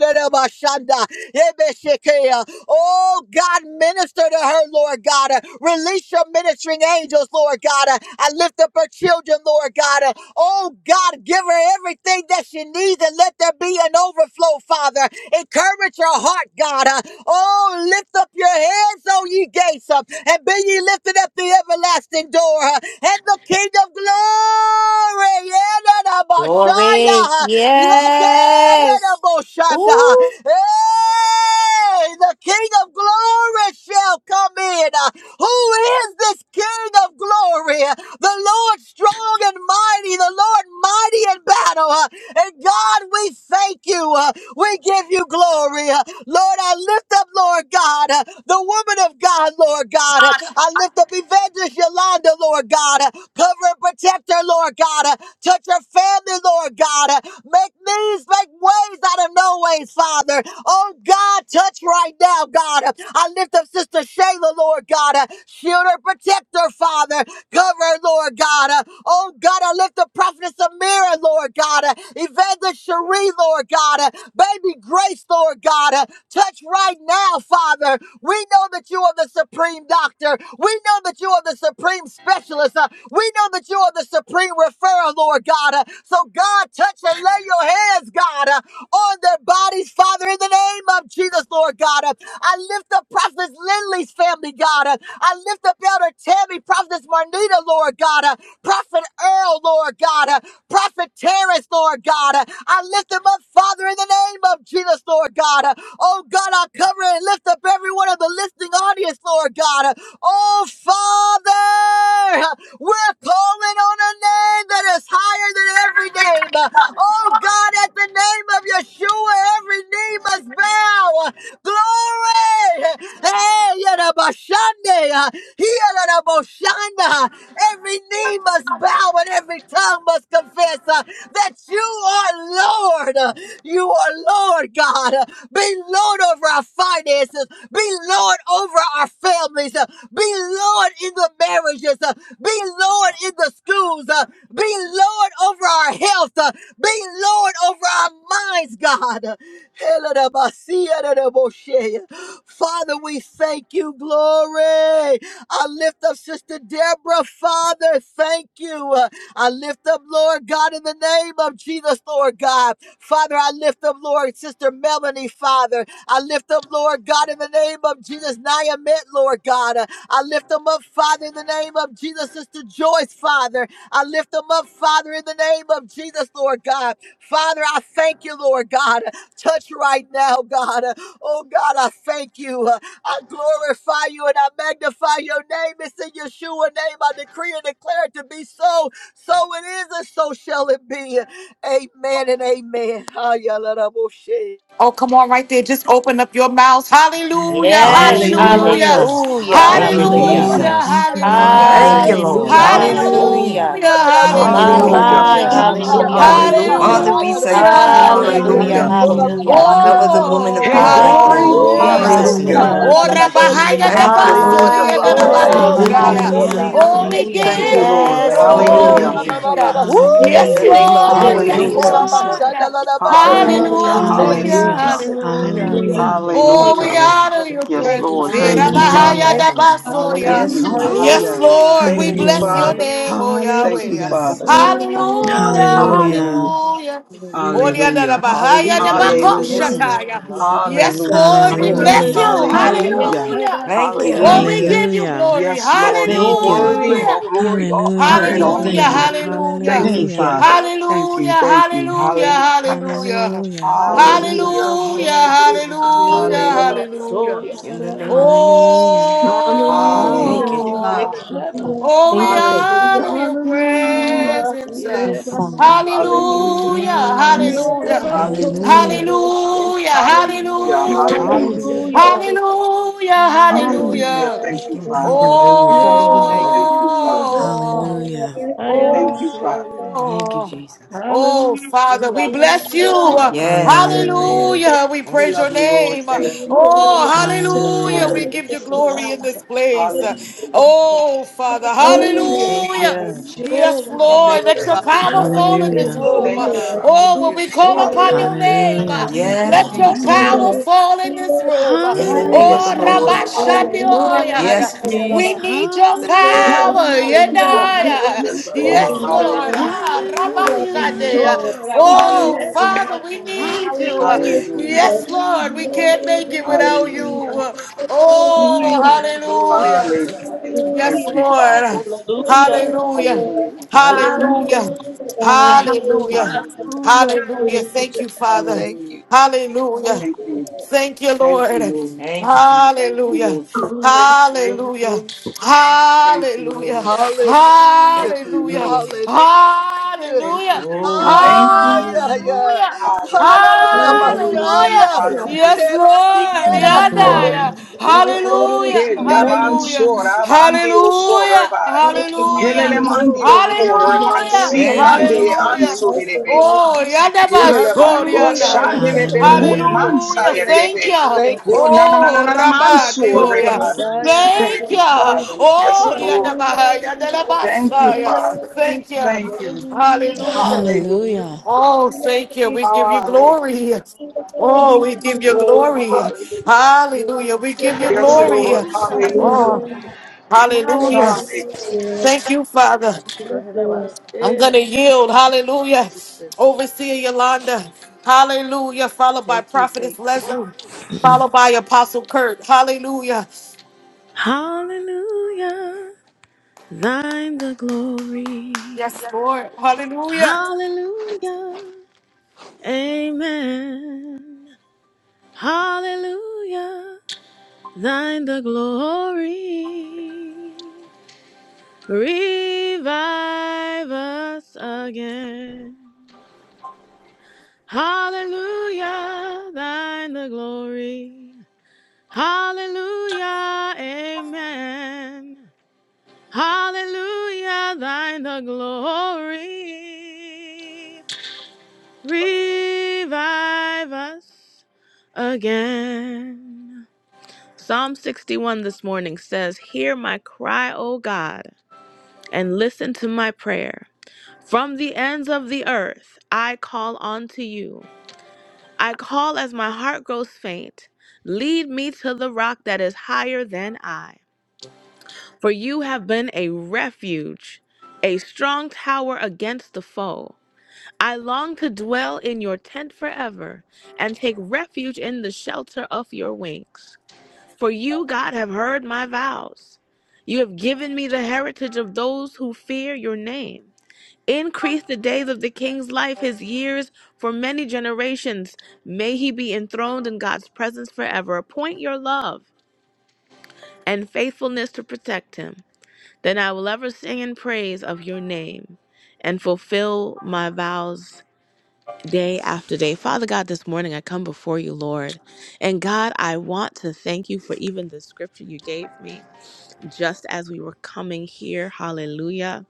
[SPEAKER 2] God, minister to her, Lord God. Release your ministering angels, Lord God. I lift up her children, Lord God. Oh, God, give her everything that she needs and let there be an overflow, Father. Encourage your heart, God. Uh, Oh, lift up your heads, O ye gates, uh, and be ye lifted up the everlasting door, uh, and the King of glory. Yedadabashaya,
[SPEAKER 3] Glory.
[SPEAKER 2] uh,
[SPEAKER 3] Yes.
[SPEAKER 2] yekeyadaboshanda, uh,
[SPEAKER 3] Ooh.
[SPEAKER 2] Hey, the King of glory shall come in. Uh, Who is this King of glory? Uh, The Lord strong and mighty, the Lord mighty in battle. Uh, And God, we thank you. Uh, we give you glory. Uh, Lord, I lift up, Lord God, uh, the woman of God, Lord God. Uh, I lift up Evangelist Yolanda, Lord God. Uh, Cover and protect her, Lord God. Uh, Touch her family, Lord God. Uh, Make means, make ways out of no ways, Father. Oh God, touch right now, God. Uh, I lift up Sister Shayla, Lord God. Uh, Shield her, protect her, Father. Govern, Lord God. Uh, oh, God, I lift the prophetess Amira, Lord God. Uh, Evangelist Cherie, Lord God. Uh, baby Grace, Lord God. Uh, touch right now, Father. We know that you are the supreme doctor. We know that you are the supreme specialist. Uh, we know that you are the supreme referrer, Lord God. Uh, so, God, touch and lay your hands, God, uh, on their bodies, Father, in the name of Jesus, Lord God. Uh, I lift up Prophet Lindley's family, God. Uh, I lift up Elder Tammy, Prophetess Marnita, Lord God, uh, Prophet Earl, Lord God, uh, Prophet Terrence, Lord God. Uh, I lift them up, Father, in the name of Jesus, Lord God. Uh, Oh God, I cover and lift up every one of the listening audience, Lord God. Uh, Oh Father, uh, we're calling on a name that is higher than every name. Uh, Oh God, at the name of Yeshua, every knee must bow. Glory! Hey, Yadabashande, Yadabashanda. Every knee must bow and every tongue must confess uh, that you are Lord. Uh, You are Lord, God. Uh, Be Lord over our finances. Be Lord over our families. Uh, Be Lord in the marriages. Uh, Be Lord in the schools. Uh, Be Lord over our health. Uh, Be Lord over our minds, God. uh, Heladabasia-dadaboshe. Father, we thank you. Glory. I lift up Sister Deborah. Father, thank you. Uh, I lift up, Lord God, in the name of Jesus, Lord God. Father, I lift up, Lord, Sister Melanie, Father. I lift up, Lord God, in the name of Jesus, Niamet, Lord God. Uh, I lift them up, Father, in the name of Jesus, Sister Joyce, Father. I lift them up, Father, in the name of Jesus, Lord God. Father, I thank you, Lord God. Touch right now, God. Uh, Oh, God, I thank you. Uh, I glorify you and I magnify your name. It's in Yeshua name. I decree and declare it to be so. So it is, and so shall it be. Amen and amen. Hallelujah.
[SPEAKER 1] Oh, come on, right there. Just open up your mouth.
[SPEAKER 4] Hey,
[SPEAKER 1] Hallelujah,
[SPEAKER 3] Yes.
[SPEAKER 4] hallelujah.
[SPEAKER 5] Hallelujah.
[SPEAKER 1] hallelujah,
[SPEAKER 6] Hallelujah.
[SPEAKER 2] Mandesi.
[SPEAKER 3] Hallelujah.
[SPEAKER 6] Thank you,
[SPEAKER 2] Ora
[SPEAKER 3] Hallelujah.
[SPEAKER 5] Hallelujah.
[SPEAKER 1] hallelujah,
[SPEAKER 7] Hallelujah.
[SPEAKER 4] Hallelujah.
[SPEAKER 6] Jesus.
[SPEAKER 4] Thank
[SPEAKER 2] bashanda
[SPEAKER 4] you,
[SPEAKER 2] na na
[SPEAKER 4] Lord.
[SPEAKER 1] hallelujah,
[SPEAKER 6] Thank
[SPEAKER 2] mandere
[SPEAKER 6] you,
[SPEAKER 7] Thank
[SPEAKER 6] Lord.
[SPEAKER 7] you,
[SPEAKER 4] Hallelujah.
[SPEAKER 3] Hallelujah.
[SPEAKER 7] Father.
[SPEAKER 5] Hallelujah.
[SPEAKER 2] bashataya.
[SPEAKER 6] Hallelujah.
[SPEAKER 3] Hallelujah.
[SPEAKER 7] Hallelujah.
[SPEAKER 2] Ina
[SPEAKER 1] hallelujah,
[SPEAKER 2] na na
[SPEAKER 3] My,
[SPEAKER 2] moshia na
[SPEAKER 6] Thank
[SPEAKER 5] Hallelujah.
[SPEAKER 2] na
[SPEAKER 6] you,
[SPEAKER 4] Hallelujah.
[SPEAKER 8] Hallelujah.
[SPEAKER 7] Hallelujah.
[SPEAKER 3] my.
[SPEAKER 7] We
[SPEAKER 9] Oh,
[SPEAKER 1] hallelujah,
[SPEAKER 7] bless
[SPEAKER 2] bashanda.
[SPEAKER 6] Jesus.
[SPEAKER 7] you,
[SPEAKER 3] Hallelujah.
[SPEAKER 7] Father.
[SPEAKER 4] Hallelujah.
[SPEAKER 2] E
[SPEAKER 7] Thank you,
[SPEAKER 8] Hallelujah.
[SPEAKER 6] Father,
[SPEAKER 7] Lord.
[SPEAKER 5] Hallelujah.
[SPEAKER 6] we
[SPEAKER 2] bashaya na na
[SPEAKER 1] hallelujah,
[SPEAKER 6] thank you.
[SPEAKER 2] manda
[SPEAKER 7] Hallelujah. You're
[SPEAKER 2] sande.
[SPEAKER 5] Hallelujah.
[SPEAKER 3] Hallelujah.
[SPEAKER 1] hallelujah.
[SPEAKER 8] Hallelujah.
[SPEAKER 7] worthy,
[SPEAKER 6] Hallelujah.
[SPEAKER 2] Koma
[SPEAKER 7] Father.
[SPEAKER 2] na
[SPEAKER 4] Hallelujah.
[SPEAKER 2] na
[SPEAKER 3] Hallelujah.
[SPEAKER 4] Thank
[SPEAKER 6] Cover
[SPEAKER 4] you,
[SPEAKER 2] bashanda
[SPEAKER 7] Hallelujah.
[SPEAKER 6] the
[SPEAKER 2] na na
[SPEAKER 6] woman
[SPEAKER 4] Lord.
[SPEAKER 6] of
[SPEAKER 1] Oh,
[SPEAKER 8] Hey,
[SPEAKER 6] God
[SPEAKER 7] Thank you,
[SPEAKER 2] moshia.
[SPEAKER 6] right now
[SPEAKER 8] glory.
[SPEAKER 6] in
[SPEAKER 7] Savior.
[SPEAKER 3] Hallelujah.
[SPEAKER 9] Hallelujah.
[SPEAKER 2] Eh,
[SPEAKER 6] Jesus'
[SPEAKER 1] hallelujah.
[SPEAKER 6] name.
[SPEAKER 7] So
[SPEAKER 8] Hallelujah.
[SPEAKER 4] Hallelujah.
[SPEAKER 2] God,
[SPEAKER 5] Hallelujah.
[SPEAKER 3] Hallelujah.
[SPEAKER 4] We
[SPEAKER 9] Recharas.
[SPEAKER 7] worthy
[SPEAKER 2] na na
[SPEAKER 7] to
[SPEAKER 1] Ora
[SPEAKER 2] na
[SPEAKER 7] be
[SPEAKER 4] bless your
[SPEAKER 2] moni
[SPEAKER 7] praised,
[SPEAKER 2] na
[SPEAKER 1] bahaya
[SPEAKER 2] na
[SPEAKER 1] da
[SPEAKER 7] Father.
[SPEAKER 4] name.
[SPEAKER 6] Thank you,
[SPEAKER 2] moshande.
[SPEAKER 6] Lord.
[SPEAKER 1] basori
[SPEAKER 8] Hallelujah,
[SPEAKER 7] We
[SPEAKER 1] ya
[SPEAKER 3] My,
[SPEAKER 1] da
[SPEAKER 7] thank
[SPEAKER 8] Father.
[SPEAKER 7] you
[SPEAKER 3] yes,
[SPEAKER 8] Thank
[SPEAKER 7] and
[SPEAKER 9] Inderes.
[SPEAKER 2] Oh
[SPEAKER 3] Abba.
[SPEAKER 7] bless
[SPEAKER 8] you.
[SPEAKER 7] your
[SPEAKER 2] God,
[SPEAKER 5] Hallelujah.
[SPEAKER 1] bakoshaya.
[SPEAKER 7] name.
[SPEAKER 2] thank
[SPEAKER 3] Hallelujah.
[SPEAKER 4] Hallelujah.
[SPEAKER 2] you,
[SPEAKER 1] Oh, we
[SPEAKER 2] thank
[SPEAKER 4] Thank you,
[SPEAKER 1] give
[SPEAKER 6] Hallelujah.
[SPEAKER 7] Hallelujah.
[SPEAKER 2] you.
[SPEAKER 8] Thank you,
[SPEAKER 6] No
[SPEAKER 9] Oh,
[SPEAKER 4] God.
[SPEAKER 1] you
[SPEAKER 8] Lord.
[SPEAKER 2] Lord, na
[SPEAKER 3] Yes,
[SPEAKER 2] na
[SPEAKER 6] backlash
[SPEAKER 9] inderes.
[SPEAKER 3] we
[SPEAKER 6] or
[SPEAKER 7] Hallelujah.
[SPEAKER 2] moshia
[SPEAKER 7] We
[SPEAKER 3] do.
[SPEAKER 8] Hallelujah.
[SPEAKER 2] na
[SPEAKER 7] give you
[SPEAKER 2] na
[SPEAKER 5] Hallelujah.
[SPEAKER 2] na
[SPEAKER 1] glory.
[SPEAKER 6] retaliation.
[SPEAKER 2] na na
[SPEAKER 7] praise.
[SPEAKER 3] Woo!
[SPEAKER 2] si e na
[SPEAKER 7] We
[SPEAKER 1] Yes,
[SPEAKER 6] In
[SPEAKER 2] na
[SPEAKER 6] the
[SPEAKER 4] Hallelujah.
[SPEAKER 7] give you
[SPEAKER 6] name
[SPEAKER 4] Thank
[SPEAKER 6] of the
[SPEAKER 4] you,
[SPEAKER 2] bashande.
[SPEAKER 5] Yes,
[SPEAKER 7] glory.
[SPEAKER 1] Lord.
[SPEAKER 6] Lord
[SPEAKER 9] Oh,
[SPEAKER 1] Yes,
[SPEAKER 4] Lord.
[SPEAKER 5] Lord.
[SPEAKER 2] Koma
[SPEAKER 3] Mhm.
[SPEAKER 8] Hallelujah.
[SPEAKER 6] Jesus.
[SPEAKER 7] Hallelujah.
[SPEAKER 9] recharas.
[SPEAKER 1] Lord.
[SPEAKER 2] bashanda na na
[SPEAKER 7] For who you
[SPEAKER 6] Thank
[SPEAKER 7] are,
[SPEAKER 2] mandesi.
[SPEAKER 6] you,
[SPEAKER 8] Hallelujah.
[SPEAKER 7] Father, we
[SPEAKER 5] Hallelujah.
[SPEAKER 2] Thank
[SPEAKER 7] thank
[SPEAKER 2] you,
[SPEAKER 6] Jesus.
[SPEAKER 1] Hallelujah.
[SPEAKER 7] you.
[SPEAKER 4] Hallelujah.
[SPEAKER 8] Hallelujah.
[SPEAKER 2] Jesus.
[SPEAKER 1] Hallelujah.
[SPEAKER 9] Hallelujah.
[SPEAKER 4] Hallelujah.
[SPEAKER 5] Hallelujah.
[SPEAKER 1] Oh,
[SPEAKER 2] Thank
[SPEAKER 6] Thank you,
[SPEAKER 2] you.
[SPEAKER 1] we
[SPEAKER 8] Hallelujah.
[SPEAKER 7] Hallelujah.
[SPEAKER 6] Lord.
[SPEAKER 1] honor your
[SPEAKER 7] Yes,
[SPEAKER 8] Yes,
[SPEAKER 7] Lord.
[SPEAKER 2] Thank you,
[SPEAKER 1] presence.
[SPEAKER 8] Lord.
[SPEAKER 1] Eh,
[SPEAKER 8] Thank
[SPEAKER 2] Jesus.
[SPEAKER 8] you,
[SPEAKER 6] Yeah.
[SPEAKER 5] Hallelujah.
[SPEAKER 8] Father.
[SPEAKER 1] rabahaya
[SPEAKER 7] and
[SPEAKER 2] Thank
[SPEAKER 4] Hallelujah.
[SPEAKER 1] da
[SPEAKER 2] you,
[SPEAKER 7] Savior.
[SPEAKER 8] Thank
[SPEAKER 1] basoria.
[SPEAKER 8] you,
[SPEAKER 6] Yes,
[SPEAKER 7] Hallelujah.
[SPEAKER 6] Lord.
[SPEAKER 8] Father.
[SPEAKER 1] Yes,
[SPEAKER 5] Hallelujah.
[SPEAKER 2] Ooh.
[SPEAKER 1] Lord, we
[SPEAKER 8] Thank
[SPEAKER 4] Hallelujah.
[SPEAKER 8] you,
[SPEAKER 1] bless your
[SPEAKER 7] Hallelujah.
[SPEAKER 8] Father.
[SPEAKER 1] name,
[SPEAKER 6] Hallelujah.
[SPEAKER 1] oh
[SPEAKER 8] Thank
[SPEAKER 1] Yahweh.
[SPEAKER 8] you,
[SPEAKER 7] We
[SPEAKER 5] Hallelujah.
[SPEAKER 7] bless
[SPEAKER 8] Father.
[SPEAKER 7] your name, Father.
[SPEAKER 2] Thank
[SPEAKER 1] Hallelujah,
[SPEAKER 2] you, Jesus.
[SPEAKER 5] Hallelujah.
[SPEAKER 4] Hallelujah.
[SPEAKER 8] Hallelujah.
[SPEAKER 1] hallelujah. Oh,
[SPEAKER 6] Thank you.
[SPEAKER 1] dia
[SPEAKER 7] Hallelujah.
[SPEAKER 1] da da
[SPEAKER 8] Hallelujah.
[SPEAKER 2] Thank
[SPEAKER 1] bahaya da
[SPEAKER 2] you,
[SPEAKER 5] Hallelujah.
[SPEAKER 2] Jesus,
[SPEAKER 8] Hallelujah.
[SPEAKER 6] Yes,
[SPEAKER 5] Mm.
[SPEAKER 1] bakoshataya.
[SPEAKER 6] Lord.
[SPEAKER 7] Thank you, Savior.
[SPEAKER 1] Yes,
[SPEAKER 6] Hallelujah.
[SPEAKER 8] Hallelujah.
[SPEAKER 5] Yes,
[SPEAKER 1] Lord, we
[SPEAKER 5] Lord.
[SPEAKER 1] bless
[SPEAKER 7] Hallelujah.
[SPEAKER 4] Hallelujah.
[SPEAKER 1] you.
[SPEAKER 9] Hallelujah,
[SPEAKER 8] Hallelujah.
[SPEAKER 5] Hallelujah.
[SPEAKER 1] Hallelujah.
[SPEAKER 6] Thank you.
[SPEAKER 9] soya
[SPEAKER 8] Hallelujah.
[SPEAKER 1] Oh,
[SPEAKER 5] Thank
[SPEAKER 1] we
[SPEAKER 5] you.
[SPEAKER 1] give you
[SPEAKER 4] Hallelujah.
[SPEAKER 9] rechara.
[SPEAKER 1] glory.
[SPEAKER 8] Yes, Lord, you are
[SPEAKER 5] Thank you.
[SPEAKER 8] worthy of
[SPEAKER 6] Hallelujah.
[SPEAKER 9] Oh,
[SPEAKER 8] all
[SPEAKER 1] Hallelujah.
[SPEAKER 8] glory, all
[SPEAKER 4] Hallelujah.
[SPEAKER 8] honor,
[SPEAKER 5] Thank
[SPEAKER 8] and
[SPEAKER 5] you.
[SPEAKER 4] Thank
[SPEAKER 8] all
[SPEAKER 4] you,
[SPEAKER 9] rechara.
[SPEAKER 1] Hallelujah,
[SPEAKER 5] Thank
[SPEAKER 4] Lord.
[SPEAKER 8] praise.
[SPEAKER 5] you.
[SPEAKER 9] Serere,
[SPEAKER 1] hallelujah.
[SPEAKER 8] Thank
[SPEAKER 9] serere,
[SPEAKER 8] you,
[SPEAKER 5] Thank you.
[SPEAKER 4] Hallelujah.
[SPEAKER 8] Father.
[SPEAKER 9] serere.
[SPEAKER 8] Thank
[SPEAKER 1] Hallelujah,
[SPEAKER 8] you. Thank you.
[SPEAKER 6] Thank
[SPEAKER 1] hallelujah,
[SPEAKER 6] you,
[SPEAKER 8] Hallelujah.
[SPEAKER 6] Jesus.
[SPEAKER 1] hallelujah.
[SPEAKER 7] Hallelujah.
[SPEAKER 4] Hallelujah.
[SPEAKER 9] Hallelujah.
[SPEAKER 7] Hallelujah.
[SPEAKER 6] Hosanna
[SPEAKER 8] Hallelujah.
[SPEAKER 1] Hallelujah,
[SPEAKER 6] Bahaya, Sidi
[SPEAKER 1] hallelujah,
[SPEAKER 6] Goshanda Bahaya.
[SPEAKER 9] Hallelujah.
[SPEAKER 8] Hallelujah.
[SPEAKER 1] hallelujah.
[SPEAKER 6] In the name of Jesus.
[SPEAKER 4] Hallelujah.
[SPEAKER 6] Thank
[SPEAKER 9] Hallelujah.
[SPEAKER 6] you,
[SPEAKER 8] Hallelujah.
[SPEAKER 6] Lord.
[SPEAKER 10] Yes, sir.
[SPEAKER 1] Oh,
[SPEAKER 2] Father.
[SPEAKER 10] Yes,
[SPEAKER 7] Yes, Lord.
[SPEAKER 1] oh,
[SPEAKER 7] Thank
[SPEAKER 1] we
[SPEAKER 7] you, Savior.
[SPEAKER 8] Hallelujah.
[SPEAKER 1] honor your
[SPEAKER 9] Hallelujah.
[SPEAKER 1] presence. uh.
[SPEAKER 7] Yes, Father.
[SPEAKER 8] Hallelujah.
[SPEAKER 1] Hallelujah,
[SPEAKER 7] Hallelujah.
[SPEAKER 2] Uh,
[SPEAKER 6] Jesus.
[SPEAKER 1] hallelujah.
[SPEAKER 6] Thank you,
[SPEAKER 8] Hallelujah.
[SPEAKER 6] Lord.
[SPEAKER 4] Hallelujah.
[SPEAKER 1] Hallelujah,
[SPEAKER 8] Hallelujah.
[SPEAKER 1] hallelujah.
[SPEAKER 8] Hallelujah.
[SPEAKER 7] Hallelujah.
[SPEAKER 1] Hallelujah,
[SPEAKER 6] Hallelujah.
[SPEAKER 7] Hallelujah.
[SPEAKER 8] Hallelujah.
[SPEAKER 1] hallelujah.
[SPEAKER 8] Thank
[SPEAKER 7] Yes,
[SPEAKER 6] Thank
[SPEAKER 8] you,
[SPEAKER 6] you.
[SPEAKER 7] Lord.
[SPEAKER 8] Father.
[SPEAKER 4] Hallelujah.
[SPEAKER 2] thank,
[SPEAKER 7] Hallelujah.
[SPEAKER 8] Thank you, Father.
[SPEAKER 10] sir.
[SPEAKER 1] Oh,
[SPEAKER 4] Hallelujah.
[SPEAKER 10] Yes,
[SPEAKER 9] I am a
[SPEAKER 8] Thank you, Father.
[SPEAKER 9] soul.
[SPEAKER 10] sir.
[SPEAKER 6] Thank you,
[SPEAKER 1] oh,
[SPEAKER 6] Jesus.
[SPEAKER 1] oh,
[SPEAKER 8] We
[SPEAKER 9] Hallelujah.
[SPEAKER 1] Father, we
[SPEAKER 8] love you.
[SPEAKER 1] bless
[SPEAKER 10] Hallelujah. We love
[SPEAKER 8] We love
[SPEAKER 1] you.
[SPEAKER 8] you. We love you.
[SPEAKER 6] Yes.
[SPEAKER 10] you,
[SPEAKER 4] Hallelujah.
[SPEAKER 1] Hallelujah. We
[SPEAKER 8] We
[SPEAKER 6] Thank
[SPEAKER 1] praise
[SPEAKER 6] you.
[SPEAKER 1] your
[SPEAKER 8] love you,
[SPEAKER 6] Lord.
[SPEAKER 8] Lord.
[SPEAKER 1] name.
[SPEAKER 8] Thank you.
[SPEAKER 9] Glory
[SPEAKER 1] Oh, hallelujah. We
[SPEAKER 4] Hallelujah.
[SPEAKER 1] give you
[SPEAKER 8] Hallelujah.
[SPEAKER 9] to
[SPEAKER 10] Hallelujah.
[SPEAKER 1] glory in this place.
[SPEAKER 8] Hallelujah.
[SPEAKER 1] Oh, Father,
[SPEAKER 9] God.
[SPEAKER 8] Hallelujah.
[SPEAKER 6] Thank
[SPEAKER 1] hallelujah.
[SPEAKER 6] you.
[SPEAKER 8] Hallelujah.
[SPEAKER 1] Yes,
[SPEAKER 9] Jehovah.
[SPEAKER 2] thank
[SPEAKER 1] Lord, let
[SPEAKER 2] you,
[SPEAKER 1] your
[SPEAKER 8] Thank
[SPEAKER 2] Father.
[SPEAKER 8] you,
[SPEAKER 1] power
[SPEAKER 8] Father.
[SPEAKER 1] fall
[SPEAKER 2] You-
[SPEAKER 1] in
[SPEAKER 9] Hallelujah.
[SPEAKER 1] this
[SPEAKER 4] Hallelujah.
[SPEAKER 2] Oh,
[SPEAKER 1] room.
[SPEAKER 8] Thank you,
[SPEAKER 2] God.
[SPEAKER 8] Father.
[SPEAKER 2] Thank
[SPEAKER 1] Oh, when
[SPEAKER 2] you.
[SPEAKER 1] we call upon
[SPEAKER 8] Hallelujah.
[SPEAKER 9] Hallelujah.
[SPEAKER 1] your name,
[SPEAKER 4] Hallelujah. Thank you,
[SPEAKER 6] Yes,
[SPEAKER 1] let
[SPEAKER 4] Lord.
[SPEAKER 1] your
[SPEAKER 2] Thank
[SPEAKER 6] Jesus.
[SPEAKER 2] you.
[SPEAKER 1] power
[SPEAKER 9] Hallelujah.
[SPEAKER 1] fall in
[SPEAKER 10] We
[SPEAKER 1] this
[SPEAKER 10] love
[SPEAKER 1] room.
[SPEAKER 6] In the
[SPEAKER 10] you,
[SPEAKER 6] name of
[SPEAKER 4] Hallelujah,
[SPEAKER 6] the
[SPEAKER 8] Yes,
[SPEAKER 1] Oh,
[SPEAKER 6] Lord
[SPEAKER 2] Mm,
[SPEAKER 8] Lord.
[SPEAKER 4] Lord.
[SPEAKER 6] Jesus.
[SPEAKER 8] Hallelujah.
[SPEAKER 9] Hallelujah.
[SPEAKER 1] Rabashandioya.
[SPEAKER 6] Yes,
[SPEAKER 1] We
[SPEAKER 10] Hallelujah.
[SPEAKER 6] please.
[SPEAKER 1] need
[SPEAKER 10] Hallelujah,
[SPEAKER 1] your
[SPEAKER 2] Thank you.
[SPEAKER 4] Hallelujah,
[SPEAKER 1] power.
[SPEAKER 10] Jesus.
[SPEAKER 4] Lord.
[SPEAKER 10] Hallelujah,
[SPEAKER 1] Yedaya.
[SPEAKER 10] Jesus.
[SPEAKER 8] Yes, Lord.
[SPEAKER 1] Yes,
[SPEAKER 6] Glory.
[SPEAKER 10] Hallelujah,
[SPEAKER 1] Lord.
[SPEAKER 8] Hallelujah.
[SPEAKER 10] Jesus.
[SPEAKER 1] Ah,
[SPEAKER 10] Hallelujah,
[SPEAKER 4] Hallelujah.
[SPEAKER 1] Rabashandia.
[SPEAKER 10] Jesus.
[SPEAKER 1] Oh,
[SPEAKER 10] Hallelujah,
[SPEAKER 8] Hallelujah.
[SPEAKER 1] Father,
[SPEAKER 10] Lord.
[SPEAKER 1] we need
[SPEAKER 10] Hallelujah,
[SPEAKER 1] you.
[SPEAKER 4] Hallelujah.
[SPEAKER 8] Hallelujah.
[SPEAKER 10] God.
[SPEAKER 1] Yes, Lord. We can't make it without you.
[SPEAKER 8] Hallelujah.
[SPEAKER 2] Thank
[SPEAKER 1] Oh,
[SPEAKER 2] you.
[SPEAKER 1] hallelujah.
[SPEAKER 8] Hallelujah. Thank
[SPEAKER 1] Yes,
[SPEAKER 8] you,
[SPEAKER 1] Lord.
[SPEAKER 8] Father.
[SPEAKER 1] Hallelujah.
[SPEAKER 8] Hallelujah.
[SPEAKER 1] Hallelujah.
[SPEAKER 10] Hallelujah.
[SPEAKER 2] Thank you. Jesus.
[SPEAKER 1] Hallelujah.
[SPEAKER 10] Hallelujah,
[SPEAKER 8] Hallelujah.
[SPEAKER 1] Hallelujah.
[SPEAKER 2] Thank you.
[SPEAKER 1] Thank
[SPEAKER 10] Jesus.
[SPEAKER 2] Jesus.
[SPEAKER 1] you, Father.
[SPEAKER 2] Thank
[SPEAKER 8] Hallelujah.
[SPEAKER 2] you.
[SPEAKER 1] Hallelujah.
[SPEAKER 10] Thank
[SPEAKER 8] Thank
[SPEAKER 10] you,
[SPEAKER 8] you.
[SPEAKER 10] Lord.
[SPEAKER 1] Thank you,
[SPEAKER 8] Thank
[SPEAKER 1] Lord.
[SPEAKER 8] you, Lord.
[SPEAKER 6] Thank you, Jesus.
[SPEAKER 8] Thank you,
[SPEAKER 1] Hallelujah.
[SPEAKER 8] Lord. Thank
[SPEAKER 1] Hallelujah.
[SPEAKER 8] you. Thank you,
[SPEAKER 1] Hallelujah.
[SPEAKER 8] Lord.
[SPEAKER 2] Hallelujah.
[SPEAKER 8] Thank you,
[SPEAKER 6] Thank
[SPEAKER 1] Hallelujah.
[SPEAKER 8] Lord.
[SPEAKER 6] you, Lord.
[SPEAKER 2] Hallelujah.
[SPEAKER 8] Thank you.
[SPEAKER 1] Hallelujah.
[SPEAKER 8] Thank you.
[SPEAKER 6] Glory to
[SPEAKER 10] Bless
[SPEAKER 6] you.
[SPEAKER 8] Thank
[SPEAKER 10] your
[SPEAKER 2] Ah,
[SPEAKER 8] you.
[SPEAKER 2] yeah,
[SPEAKER 10] name.
[SPEAKER 2] yeah.
[SPEAKER 1] Hallelujah.
[SPEAKER 8] Hallelujah.
[SPEAKER 2] Hallelujah.
[SPEAKER 10] Bless your name,
[SPEAKER 1] Hallelujah.
[SPEAKER 2] Messiah.
[SPEAKER 10] Jesus.
[SPEAKER 1] Yes,
[SPEAKER 8] Hallelujah.
[SPEAKER 2] Heba
[SPEAKER 10] Bless
[SPEAKER 1] Lord.
[SPEAKER 10] your
[SPEAKER 4] Yes,
[SPEAKER 2] singora.
[SPEAKER 10] name,
[SPEAKER 8] Um,
[SPEAKER 2] Shedeba.
[SPEAKER 4] Lord.
[SPEAKER 1] Yadaya.
[SPEAKER 10] Jesus.
[SPEAKER 2] Thank you,
[SPEAKER 1] Hallelujah.
[SPEAKER 8] Hey,
[SPEAKER 2] Jesus.
[SPEAKER 10] Bless
[SPEAKER 9] Hallelujah.
[SPEAKER 2] Thank
[SPEAKER 10] your
[SPEAKER 8] Yaman
[SPEAKER 2] you,
[SPEAKER 1] Hallelujah.
[SPEAKER 4] Mm.
[SPEAKER 2] Jesus.
[SPEAKER 8] Sora, Mandi O Sora,
[SPEAKER 1] Hallelujah.
[SPEAKER 8] by
[SPEAKER 2] Thank you,
[SPEAKER 10] name,
[SPEAKER 8] Helele
[SPEAKER 2] Jesus.
[SPEAKER 1] Hallelujah.
[SPEAKER 10] Jesus.
[SPEAKER 8] Mandi
[SPEAKER 6] Thank
[SPEAKER 8] O
[SPEAKER 9] Oh, hallelujah.
[SPEAKER 6] you, Lord.
[SPEAKER 8] Kore, Man
[SPEAKER 1] Hallelujah!
[SPEAKER 10] Bless your name, Jesus. Bless
[SPEAKER 8] Seek
[SPEAKER 9] Yeah,
[SPEAKER 10] your
[SPEAKER 6] Thank
[SPEAKER 8] and
[SPEAKER 6] you,
[SPEAKER 8] the
[SPEAKER 10] name,
[SPEAKER 9] that's
[SPEAKER 6] Jesus.
[SPEAKER 10] God.
[SPEAKER 1] Hallelujah!
[SPEAKER 8] answer
[SPEAKER 9] good.
[SPEAKER 10] Bless
[SPEAKER 8] the
[SPEAKER 10] your
[SPEAKER 8] bay.
[SPEAKER 10] name,
[SPEAKER 1] Oh,
[SPEAKER 10] Jesus.
[SPEAKER 8] Yelele Bando,
[SPEAKER 9] Hallelujah.
[SPEAKER 10] Lord, we
[SPEAKER 1] Yadabasoriana!
[SPEAKER 8] Shandele
[SPEAKER 6] Glory
[SPEAKER 10] bless
[SPEAKER 8] be
[SPEAKER 6] to
[SPEAKER 10] your
[SPEAKER 9] Oh,
[SPEAKER 2] Mm,
[SPEAKER 8] good
[SPEAKER 6] you.
[SPEAKER 9] that's
[SPEAKER 10] name,
[SPEAKER 9] it.
[SPEAKER 4] Hallelujah.
[SPEAKER 8] man,
[SPEAKER 1] Hallelujah!
[SPEAKER 10] Jesus.
[SPEAKER 8] sire the
[SPEAKER 1] Thank
[SPEAKER 8] bay.
[SPEAKER 1] you!
[SPEAKER 10] Hallelujah.
[SPEAKER 2] Thank you.
[SPEAKER 8] Go na na na na
[SPEAKER 1] Oh,
[SPEAKER 8] na
[SPEAKER 10] God,
[SPEAKER 8] na
[SPEAKER 10] we
[SPEAKER 8] man,
[SPEAKER 10] bless your
[SPEAKER 8] Sora,
[SPEAKER 9] Oh,
[SPEAKER 1] Rabadioya!
[SPEAKER 10] name,
[SPEAKER 8] by.
[SPEAKER 9] what I
[SPEAKER 10] Jesus.
[SPEAKER 9] am.
[SPEAKER 8] Thank
[SPEAKER 1] Thank you!
[SPEAKER 8] you,
[SPEAKER 10] Hallelujah.
[SPEAKER 8] Father. Yes,
[SPEAKER 1] Oh,
[SPEAKER 9] Yes,
[SPEAKER 10] God, we
[SPEAKER 8] Lord.
[SPEAKER 10] love
[SPEAKER 1] Yadabahaya!
[SPEAKER 10] you,
[SPEAKER 8] Thank
[SPEAKER 10] Lord.
[SPEAKER 8] you,
[SPEAKER 9] yeah,
[SPEAKER 10] We
[SPEAKER 1] Yadabasaya!
[SPEAKER 10] love
[SPEAKER 8] Father.
[SPEAKER 10] you,
[SPEAKER 1] Thank you!
[SPEAKER 8] Thank
[SPEAKER 10] Jesus.
[SPEAKER 8] you.
[SPEAKER 10] We
[SPEAKER 9] hallelujah.
[SPEAKER 10] love
[SPEAKER 1] Hallelujah!
[SPEAKER 10] you,
[SPEAKER 8] Hallelujah.
[SPEAKER 4] Hallelujah.
[SPEAKER 10] Jesus.
[SPEAKER 1] Oh,
[SPEAKER 10] We love
[SPEAKER 1] thank you!
[SPEAKER 10] you,
[SPEAKER 1] We give
[SPEAKER 10] Jesus.
[SPEAKER 1] you
[SPEAKER 2] Mm.
[SPEAKER 1] glory!
[SPEAKER 8] Hallelujah.
[SPEAKER 10] We
[SPEAKER 1] Oh,
[SPEAKER 10] love
[SPEAKER 1] we
[SPEAKER 10] you,
[SPEAKER 1] give you
[SPEAKER 10] Jesus.
[SPEAKER 8] Oh,
[SPEAKER 1] glory!
[SPEAKER 8] hallelujah.
[SPEAKER 1] Hallelujah! We give you
[SPEAKER 8] Yes,
[SPEAKER 1] glory!
[SPEAKER 10] Hallelujah.
[SPEAKER 8] Lord. Hallelujah.
[SPEAKER 9] Hallelujah.
[SPEAKER 1] Oh,
[SPEAKER 10] Hallelujah.
[SPEAKER 1] hallelujah!
[SPEAKER 8] Hallelujah.
[SPEAKER 10] Hallelujah.
[SPEAKER 1] Thank you, Father.
[SPEAKER 10] Thank you. Lord.
[SPEAKER 1] I'm
[SPEAKER 9] Yes,
[SPEAKER 1] going to yield. Hallelujah. Overseer Yolanda. Hallelujah. Followed by
[SPEAKER 2] Thank you. Thank
[SPEAKER 1] Prophetess Leslie. Followed by Apostle Kurt. Hallelujah.
[SPEAKER 4] Hallelujah. Thine the glory.
[SPEAKER 1] Yes, Lord. Hallelujah.
[SPEAKER 4] Hallelujah. Amen. Hallelujah. Thine the glory. Revive us again. Hallelujah. Thine the glory. Hallelujah, amen. Hallelujah, thine the glory. Revive us again. Psalm 61 this morning says, Hear my cry, O God, and listen to my prayer. From the ends of the earth, I call unto you. I call as my heart grows faint. Lead me to the rock that is higher than I. For you have been a refuge, a strong tower against the foe. I long to dwell in your tent forever and take refuge in the shelter of your wings. For you, God, have heard my vows. You have given me the heritage of those who fear your name. Increase the days of the king's life, his years for many generations. May he be enthroned in God's presence forever. Appoint your love and faithfulness to protect him. Then I will ever sing in praise of your name and fulfill my vows day after day. Father God, this morning I come before you, Lord. And God, I want to thank you for even the scripture you gave me just as we were coming here. Hallelujah.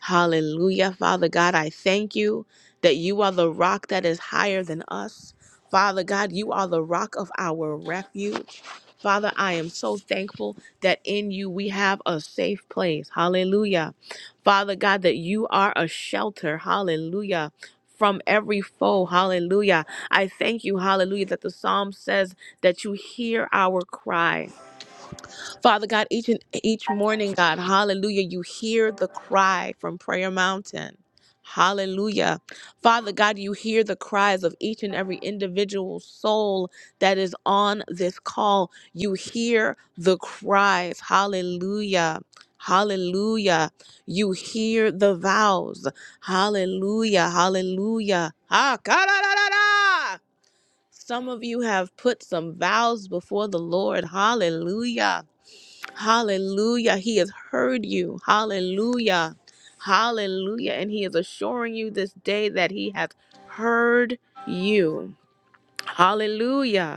[SPEAKER 4] Hallelujah. Father God, I thank you that you are the rock that is higher than us. Father God, you are the rock of our refuge. Father, I am so thankful that in you we have a safe place. Hallelujah. Father God, that you are a shelter. Hallelujah. From every foe. Hallelujah. I thank you. Hallelujah. That the psalm says that you hear our cry. Father God, each and each morning, God, hallelujah, you hear the cry from Prayer Mountain. Hallelujah. Father God, you hear the cries of each and every individual soul that is on this call. You hear the cries. Hallelujah. Hallelujah. You hear the vows. Hallelujah. Hallelujah. Ha, ka, da, da, da, da. Some of you have put some vows before the Lord. Hallelujah. Hallelujah. He has heard you. Hallelujah. Hallelujah. And he is assuring you this day that he has heard you. Hallelujah.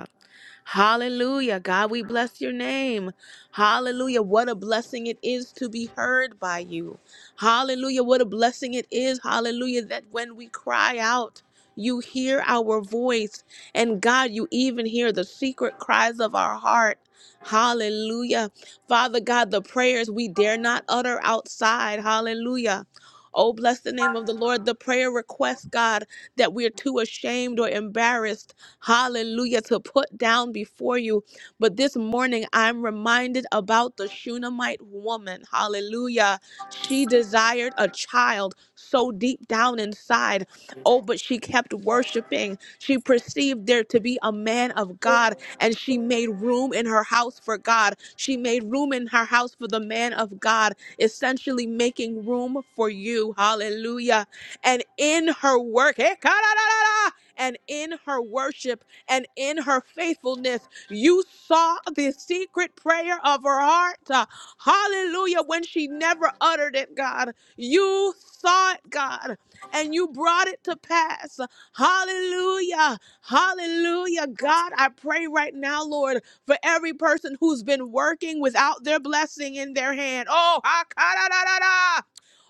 [SPEAKER 4] Hallelujah. God, we bless your name. Hallelujah. What a blessing it is to be heard by you. Hallelujah. What a blessing it is. Hallelujah. That when we cry out, you hear our voice. And God, you even hear the secret cries of our heart. Hallelujah. Father God, the prayers we dare not utter outside. Hallelujah. Oh, bless the name of the Lord. The prayer requests God, that we're too ashamed or embarrassed hallelujah, to put down before you. But this morning, I'm reminded about the Shunammite woman, hallelujah. She desired a child so deep down inside. Oh, but she kept worshiping. She perceived there to be a man of God, and she made room in her house for God. She made room in her house for the man of God, essentially making room for you, hallelujah. And in her work, da da da da and in her worship and in her faithfulness, you saw the secret prayer of her heart. Uh, Hallelujah. When she never uttered it, God, you saw it, God, and you brought it to pass. Hallelujah. Hallelujah. God, I pray right now, Lord, for every person who's been working without their blessing in their hand. Oh, ha, ka, da, da, da, da.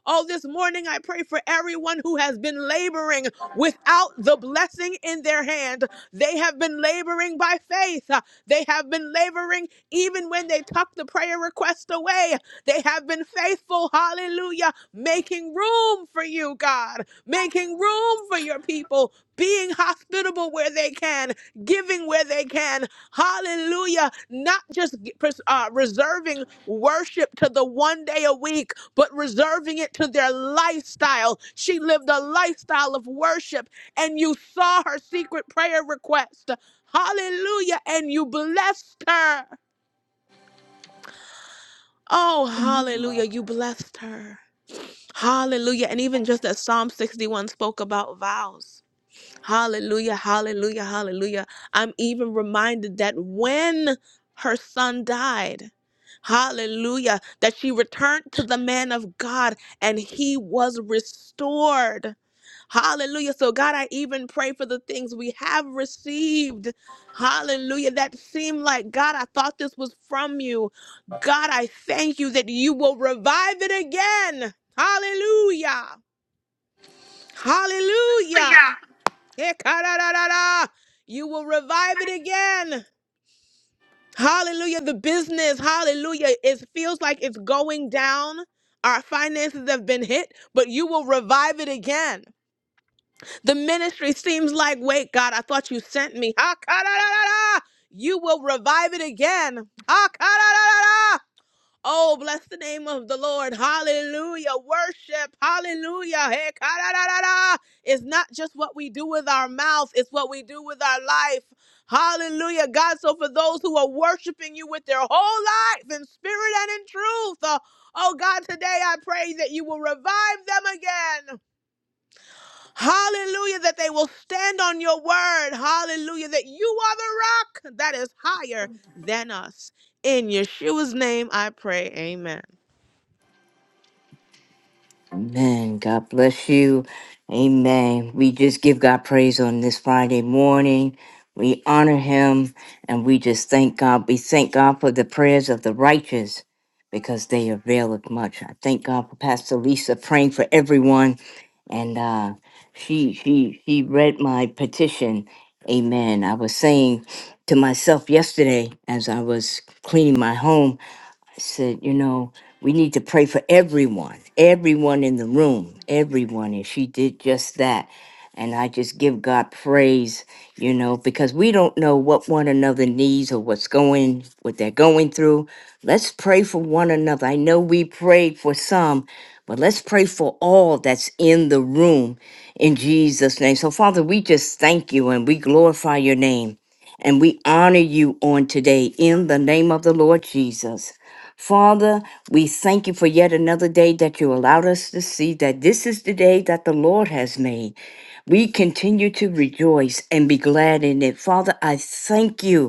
[SPEAKER 4] Oh, this morning I pray for everyone who has been laboring without the blessing in their hand. They have been laboring by faith. Uh, They have been laboring even when they tucked the prayer request away. They have been faithful, hallelujah, making room for you, God, making room for your people, being hospitable where they can, giving where they can, hallelujah, not just uh, reserving worship to the one day a week but reserving it to their lifestyle. She lived a lifestyle of worship, and you saw her secret prayer request. Hallelujah. And you blessed her. Oh, hallelujah. You blessed her. Hallelujah. And even just as Psalm 61 spoke about vows. Hallelujah, hallelujah, hallelujah. I'm even reminded that when her son died, hallelujah, that she returned to the man of God and he was restored. Hallelujah. So, God, I even pray for the things we have received. Hallelujah. That seemed like, God, I thought this was from you. God, I thank you that you will revive it again. Hallelujah. Hallelujah. Ekararara. You will revive it again. Hallelujah. The business, hallelujah. It feels like it's going down. Our finances have been hit, but you will revive it again. The ministry seems like, wait, God, I thought you sent me. Hakararara. You will revive it again. Hakararara. Oh, bless the name of the Lord. Hallelujah. Worship. Hallelujah. Hey, ka-da-da-da-da. It's not just what we do with our mouth, it's what we do with our life. Hallelujah. God, so for those who are worshiping you with their whole life in spirit and in truth, uh, oh God, today I pray that you will revive them again. Hallelujah. That they will stand on your word. Hallelujah. That you are the rock that is higher than us. In Yeshua's name I pray. Amen.
[SPEAKER 6] Amen. God bless you. Amen. We just give God praise on this Friday morning. We honor him and we just thank God. We thank God for the prayers of the righteous because they avail of much. I thank God for Pastor Lisa praying for everyone. And uh, she she she read my petition. Amen. I was saying to myself yesterday as I was cleaning my home, I said, you know, we need to pray for everyone, everyone in the room, everyone. And she did just that. And I just give God praise, you know, because we don't know what one another needs or what's going, what they're going through. Let's pray for one another. I know we prayed for some, but let's pray for all that's in the room in Jesus' name. So, Father, we just thank you and we glorify your name and we honor you on today in the name of the Lord Jesus. Father, we thank you for yet another day that you allowed us to see that this is the day that the Lord has made. We continue to rejoice and be glad in it. Father, I thank you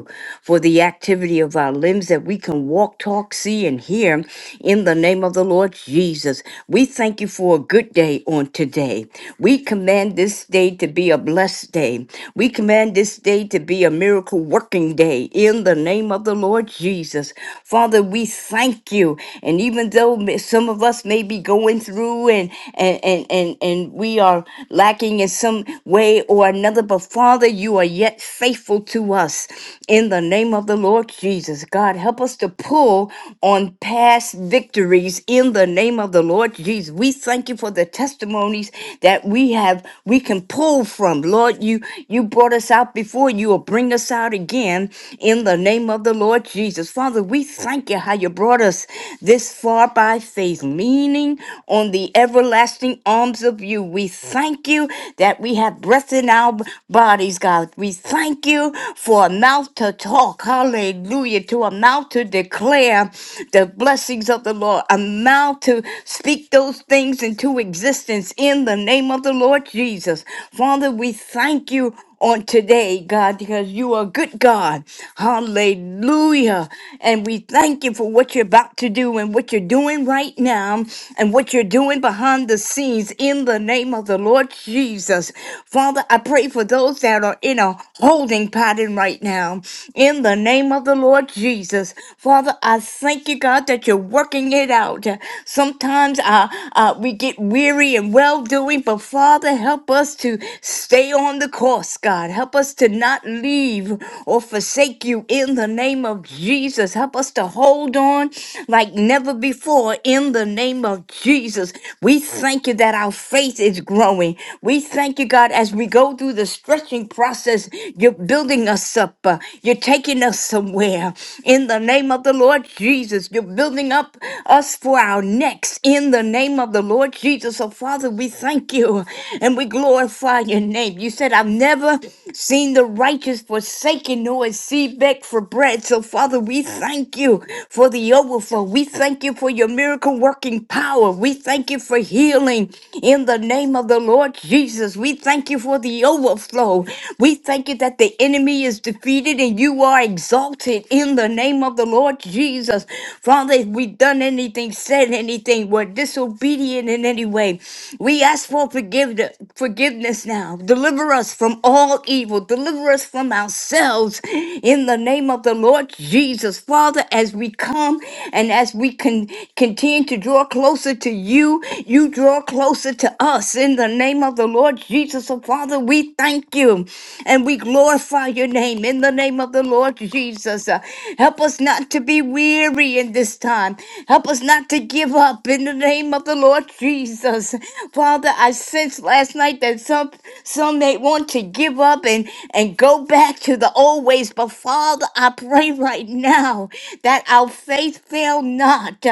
[SPEAKER 6] for the activity of our limbs that we can walk, talk, see, and hear in the name of the Lord Jesus. We thank you for a good day on today. We command this day to be a blessed day. We command this day to be a miracle working day in the name of the Lord Jesus. Father, we thank you. And even though m- some of us may be going through and and and and, and we are lacking in some way or another, together, but Father, you are yet faithful to us. In the name of the Lord Jesus, God, help us to pull on past victories in the name of the Lord Jesus. We thank you for the testimonies that we have, we can pull from. Lord, you, you brought us out before, you will bring us out again in the name of the Lord Jesus. Father, we thank you how you brought us this far by faith, leaning on the everlasting arm arms of you. We thank you that we have breath in our b- bodies, God. We thank you for a mouth to talk. Hallelujah. To a mouth to declare the blessings of the Lord, a mouth to speak those things into existence in the name of the Lord Jesus. Father, we thank you on today, God, because you are a good God. Hallelujah. And we thank you for what you're about to do and what what you're doing right now and what you're doing behind the scenes in the name of the Lord Jesus. Father, I pray for those that are in a holding pattern right now in the name of the Lord Jesus. Father, I thank you, God, that you're working it out. Sometimes uh, uh, we get weary and well doing, but Father, help us to stay on the course, God. Help us to not leave or forsake you in the name name of Jesus. Help us to hold on like never before in the name of Jesus. We thank you that our faith is growing. We thank you, God, as we go through the stretching process, you're building us up. uh, You're taking us somewhere. In the name of the Lord Jesus, you're building up us for our next. In the name of the Lord Jesus. So, Father, we thank you and we glorify your name. You said, I've never Seen the righteous forsaken, nor is seed beg for bread. So, Father, we thank you for the overflow. We thank you for your miracle working power. We thank you for healing. In the name of the Lord Jesus, we thank you for the overflow. We thank you that the enemy is defeated and you are exalted in the name of the Lord Jesus. Father, if we've done anything, said anything, were disobedient in any way, we ask for forgiveness, forgiveness now. Deliver us from all evil. Deliver us from ourselves in the name of the Lord Jesus. Father, as we come and as we can continue to draw closer to you, you draw closer to us. In the name of the Lord Jesus, oh Father, we thank you and we glorify your name in the name of the Lord Jesus. Uh, Help us not to be weary in this time. Help us not to give up in the name of the Lord Jesus. Father, I sensed last night that some some may want to give up and, and go back to the old ways, but Father, I pray right now that our faith fail not.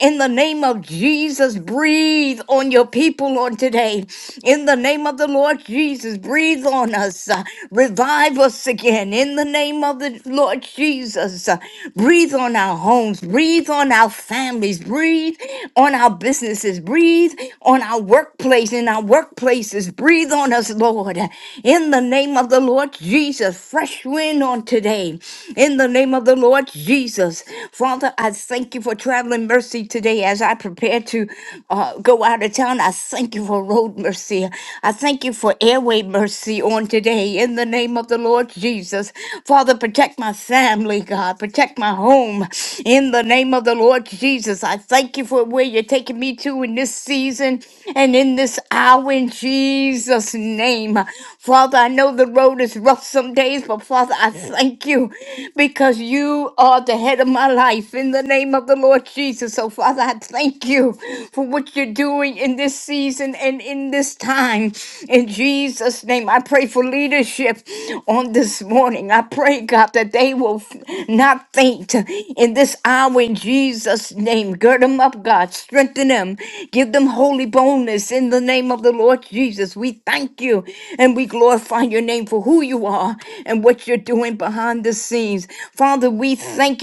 [SPEAKER 6] In the name of Jesus, breathe on your people on today. In the name of the Lord Jesus, breathe on us. Uh, Revive us again. In the name of the Lord Jesus, uh, breathe on our homes, breathe on our families, breathe on our businesses, breathe on our workplace, in our workplaces. Breathe on us, Lord. In the name of the Lord Jesus, fresh wind on today. In the name of the Lord Jesus. Father, I thank you for traveling mercy today as I prepare to uh, go out of town of town. I thank you for road mercy. I thank you for airway mercy on today in the name of the Lord Jesus. Father, protect my family, God. Protect my home in the name of the Lord Jesus. I thank you for where you're taking me to in this season and in this hour in Jesus' name. Father, I know the road is rough some days, but Father, I thank you because you are the head of my life in the name of the Lord Jesus. So, Father, I thank you for what you're doing in this season and in this time. In Jesus' name, I pray for leadership on this morning. I pray, God, that they will f- not faint in this hour in Jesus' name. Gird them up, God. Strengthen them. Give them holy boldness in the name of the Lord Jesus. We thank you and we glorify your name for who you are and what you're doing behind the scenes. Father, we thank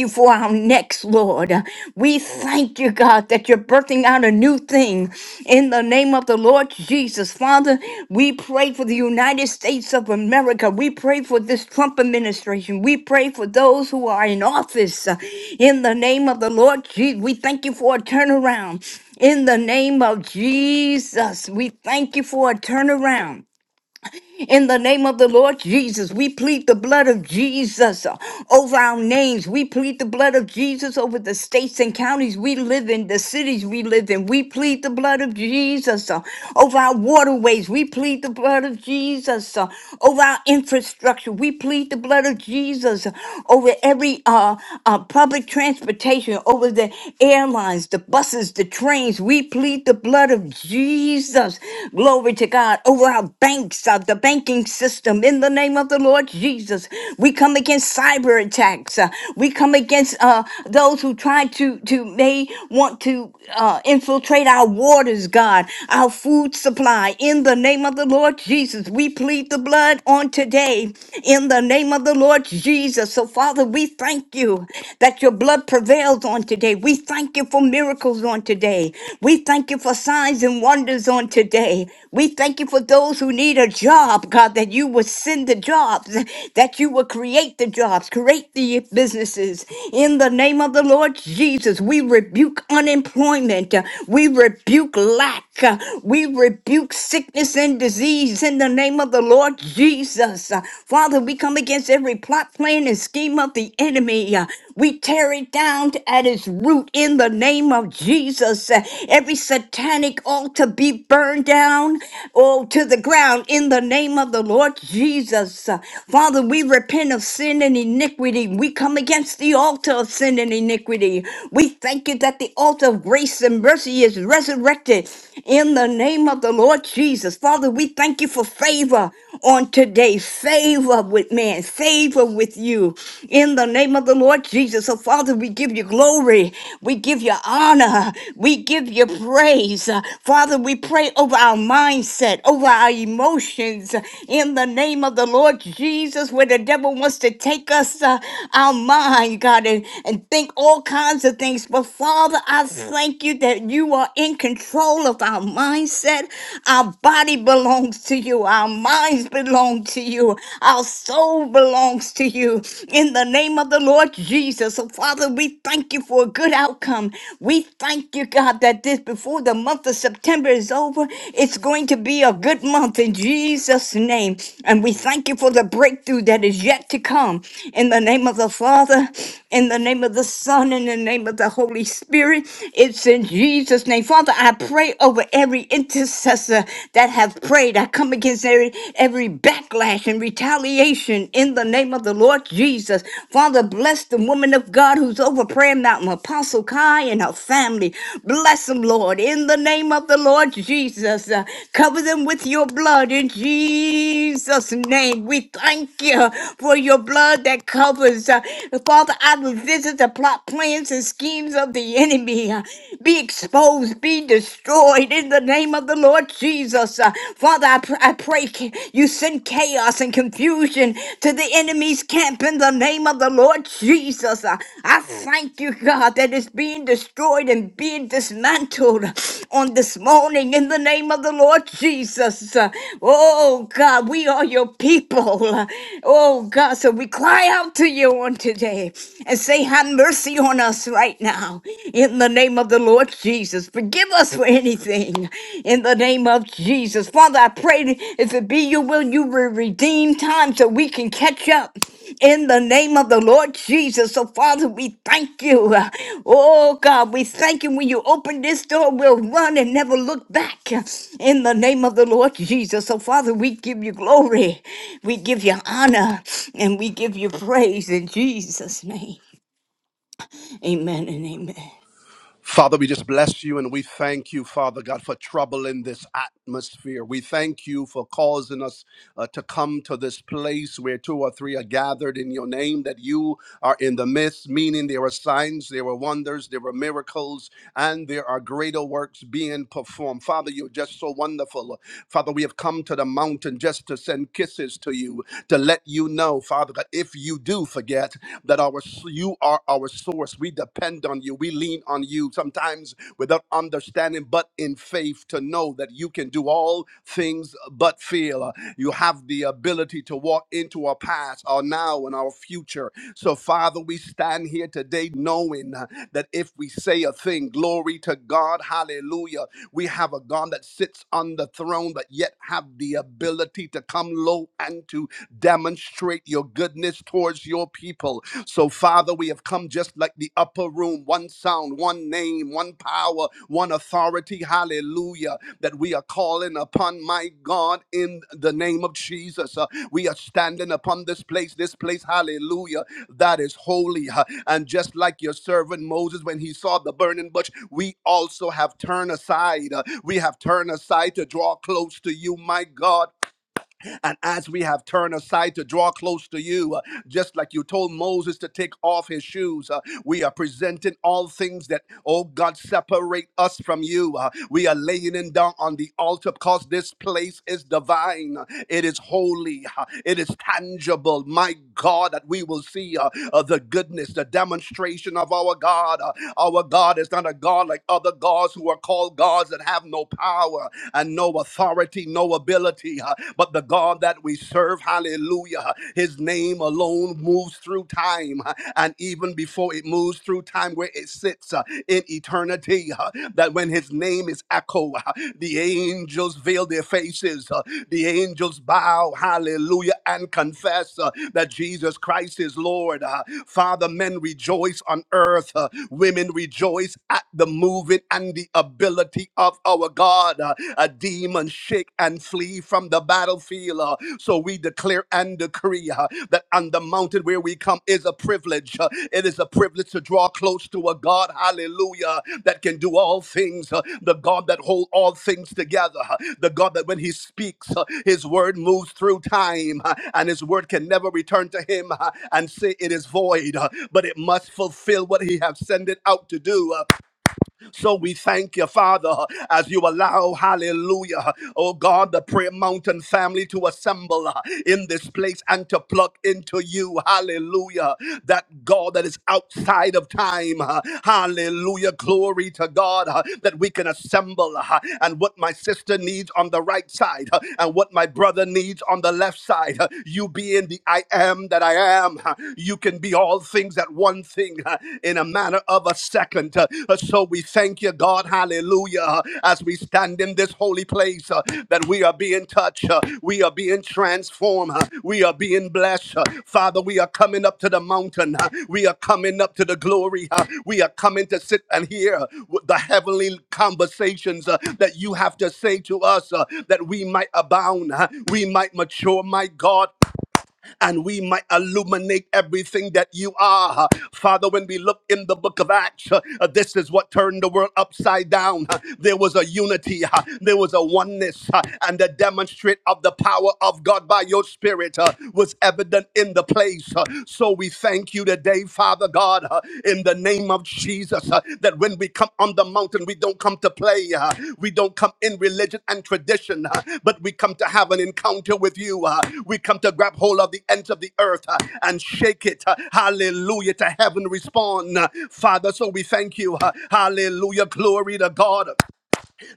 [SPEAKER 6] you Lord. We thank you, God, that you're birthing out a new thing in the name of the Lord Jesus. Father, we pray for the United States of America. We pray for this Trump administration. We pray for those who are in office uh, in the name of the Lord Jesus. We thank you for a turnaround. In the name of Jesus, we thank you for a turnaround. In the name of the Lord Jesus, we plead the blood of Jesus uh, over our names. We plead the blood of Jesus over the states and counties we live in, the cities we live in. We plead the blood of Jesus uh, over our waterways. We plead the blood of Jesus over our infrastructure. We plead the blood of Jesus over every uh, uh, public transportation, over the airlines, the buses, the trains. We plead the blood of Jesus. Glory to God. Over our banks, uh, the banking system, in the name of the Lord Jesus. We come against cyber attacks. Uh, we come against uh, those who try God, to, to may want to uh, infiltrate our waters, God, our food supply. In the name of the Lord Jesus, we plead the blood on today. In the name of the Lord Jesus. So, Father, we thank you that your blood prevails on today. We thank you for miracles on today. We thank you for signs and wonders on today. We thank you for those those who need a job, God, that you would send the jobs, that you would create the jobs, create the businesses. In the name of the Lord Jesus, we rebuke unemployment. We rebuke lack. We rebuke sickness and disease in the name of the Lord Jesus. Father, we come against every plot, plan, and scheme of the enemy. We tear it down at its root in the name of Jesus. Every satanic altar be burned down oh, to the ground in the name of the Lord Jesus. Uh, Father, we repent of sin and iniquity. We come against the altar of sin and iniquity. We thank you that the altar of grace and mercy is resurrected in the name of the Lord Jesus. Father, we thank you for favor on today, favor with man, favor with you in the name of the Lord Jesus. So, Father, we give you glory, we give you honor, we give you praise. Uh, Father, we pray over our mindset, over our emotions, in the name of the Lord Jesus, where the devil wants to take us, uh, our mind, God, and, and think all kinds of things. But Father, I thank you that you are in control of our mindset. Our body belongs to you, our minds belong to you, our soul belongs to you. In the name of the Lord Jesus, so Father, we thank you for a good outcome. We thank you, God, that this before the month of September is over, it's going to be a good month in Jesus' name. And we thank you for the breakthrough that is yet to come. In the name of the Father, in the name of the Son, in the name of the Holy Spirit, it's in Jesus' name. Father, I pray over every intercessor that have prayed. I come against every every backlash and retaliation in the name of the Lord Jesus. Father, bless the woman of God who's over Prayer Mountain, Apostle Kai and her family. Bless them, Lord, in the name of the Lord Jesus. Uh, cover them with your blood in Jesus' name. We thank you for your blood that covers. Uh, Father, I will visit the plot, plans, and schemes of the enemy. Uh, be exposed, be destroyed in the name of the Lord Jesus. Uh, Father, I, pr- I pray ca- you send chaos and confusion to the enemy's camp in the the name of the Lord Jesus. Uh, I thank you, God, that it's being destroyed and being dismantled on this morning in the name of the Lord Jesus. Uh, Oh, God, we are your people. Uh, Oh, God, so we cry out to you on today and say, Have mercy on us right now in the name of the Lord Jesus. Forgive us for anything in the name of Jesus. Father, I pray if it be your will, you will redeem time so we can catch up in the name of the Lord Jesus. So, Father, we thank you. Oh, God, we thank you. When you open this door, we'll run and never look back in the name of the Lord Jesus. So, Father, we give you glory, we give you honor, and we give you praise in Jesus' name. Amen and amen.
[SPEAKER 11] Father, we just bless you and we thank you, Father God, for troubling this atmosphere. We thank you for causing us uh, to come to this place where two or three are gathered in your name, that you are in the midst, meaning there are signs, there are wonders, there are miracles, and there are greater works being performed. Father, you're just so wonderful. Father, we have come to the mountain just to send kisses to you, to let you know, Father, that if you do forget that our you are our source, we depend on you, we lean on you sometimes without understanding, but in faith to know that you can do all all things but fear. You have the ability to walk into our past, our now, and our future. So, Father, we stand here today knowing uh, that if we say a thing, glory to God, hallelujah, we have a God that sits on the throne, but yet have the ability to come low and to demonstrate your goodness towards your people. So, Father, we have come just like the upper room, one sound, one name, one power, one authority. Hallelujah. That we are calling upon, my God, in the name of Jesus. Uh, we are standing upon this place, this place, hallelujah, that is holy. Uh, and just like your servant Moses, when he saw the burning bush, we also have turned aside. Uh, we have turned aside to draw close to you, my God and as we have turned aside to draw close to you, uh, just like you told Moses to take off his shoes, uh, we are presenting all things that, oh God, separate us from you. Uh, we are laying it down on the altar because this place is divine. It is holy. uh, It is tangible. My God, that we will see uh, uh, the goodness, the demonstration of our God. Uh, our God is not a God like other gods who are called gods that have no power and no authority authority, no ability, uh, but the God that we serve, hallelujah, his name alone moves through time. uh, And even before it moves through time where it sits uh, in eternity, uh, that when his name is echo, uh, the angels veil their faces, uh, the angels bow, hallelujah, and confess uh, that Jesus Christ is Lord. Uh, Father, men rejoice on earth, uh, women rejoice at the moving and the ability authority of our God. Uh, A demon shake and flee from the battlefield. Uh, So we declare and decree uh, that on the mountain where we come is a privilege. Uh, It is a privilege to draw close to a God, hallelujah, that can do all things. Uh, The God that hold all things together. Uh, The God that when he speaks, uh, his word moves through time uh, and his word can never return to him uh, and say it is void, uh, but it must fulfill what he has sent it out to do. Uh, so we thank you, Father, as you allow, hallelujah, oh God, the Prayer Mountain family to assemble uh, in this place and to plug into you, hallelujah, that God that is outside of time, uh, hallelujah, glory to God, uh, that we can assemble uh, and what my sister needs on the right side uh, and what my brother needs on the left side, uh, you being the I am that I am, uh, you can be all things at things at one thing uh, in a matter of a second. Uh, uh, So we thank you, God, hallelujah, uh, as we stand in this holy place uh, that we are being touched, uh, we are being transformed, uh, we are being blessed. uh, Father, we are coming up to the mountain, uh, we are coming up to the glory, uh, we are coming to sit and hear uh, the heavenly conversations uh, that you have to say to us uh, that we might abound, uh, we might mature, my God and we might illuminate everything that you are. Father, when we look in the book of Acts, uh, this is what turned the world upside down. Uh, There was a unity, uh, there was a oneness, uh, and the demonstrate of the power of God by your spirit uh, was evident in the place. Uh, So we thank you today, Father God. Uh, in the name of Jesus. uh, that when we come on the mountain, we don't come to play. uh, we don't come in religion and tradition, uh, but we come to have an encounter with you. uh, we come to grab hold of the ends of the earth uh, and shake it. uh, hallelujah. To heaven respond. uh, Father, so we thank you. uh, hallelujah. Glory to God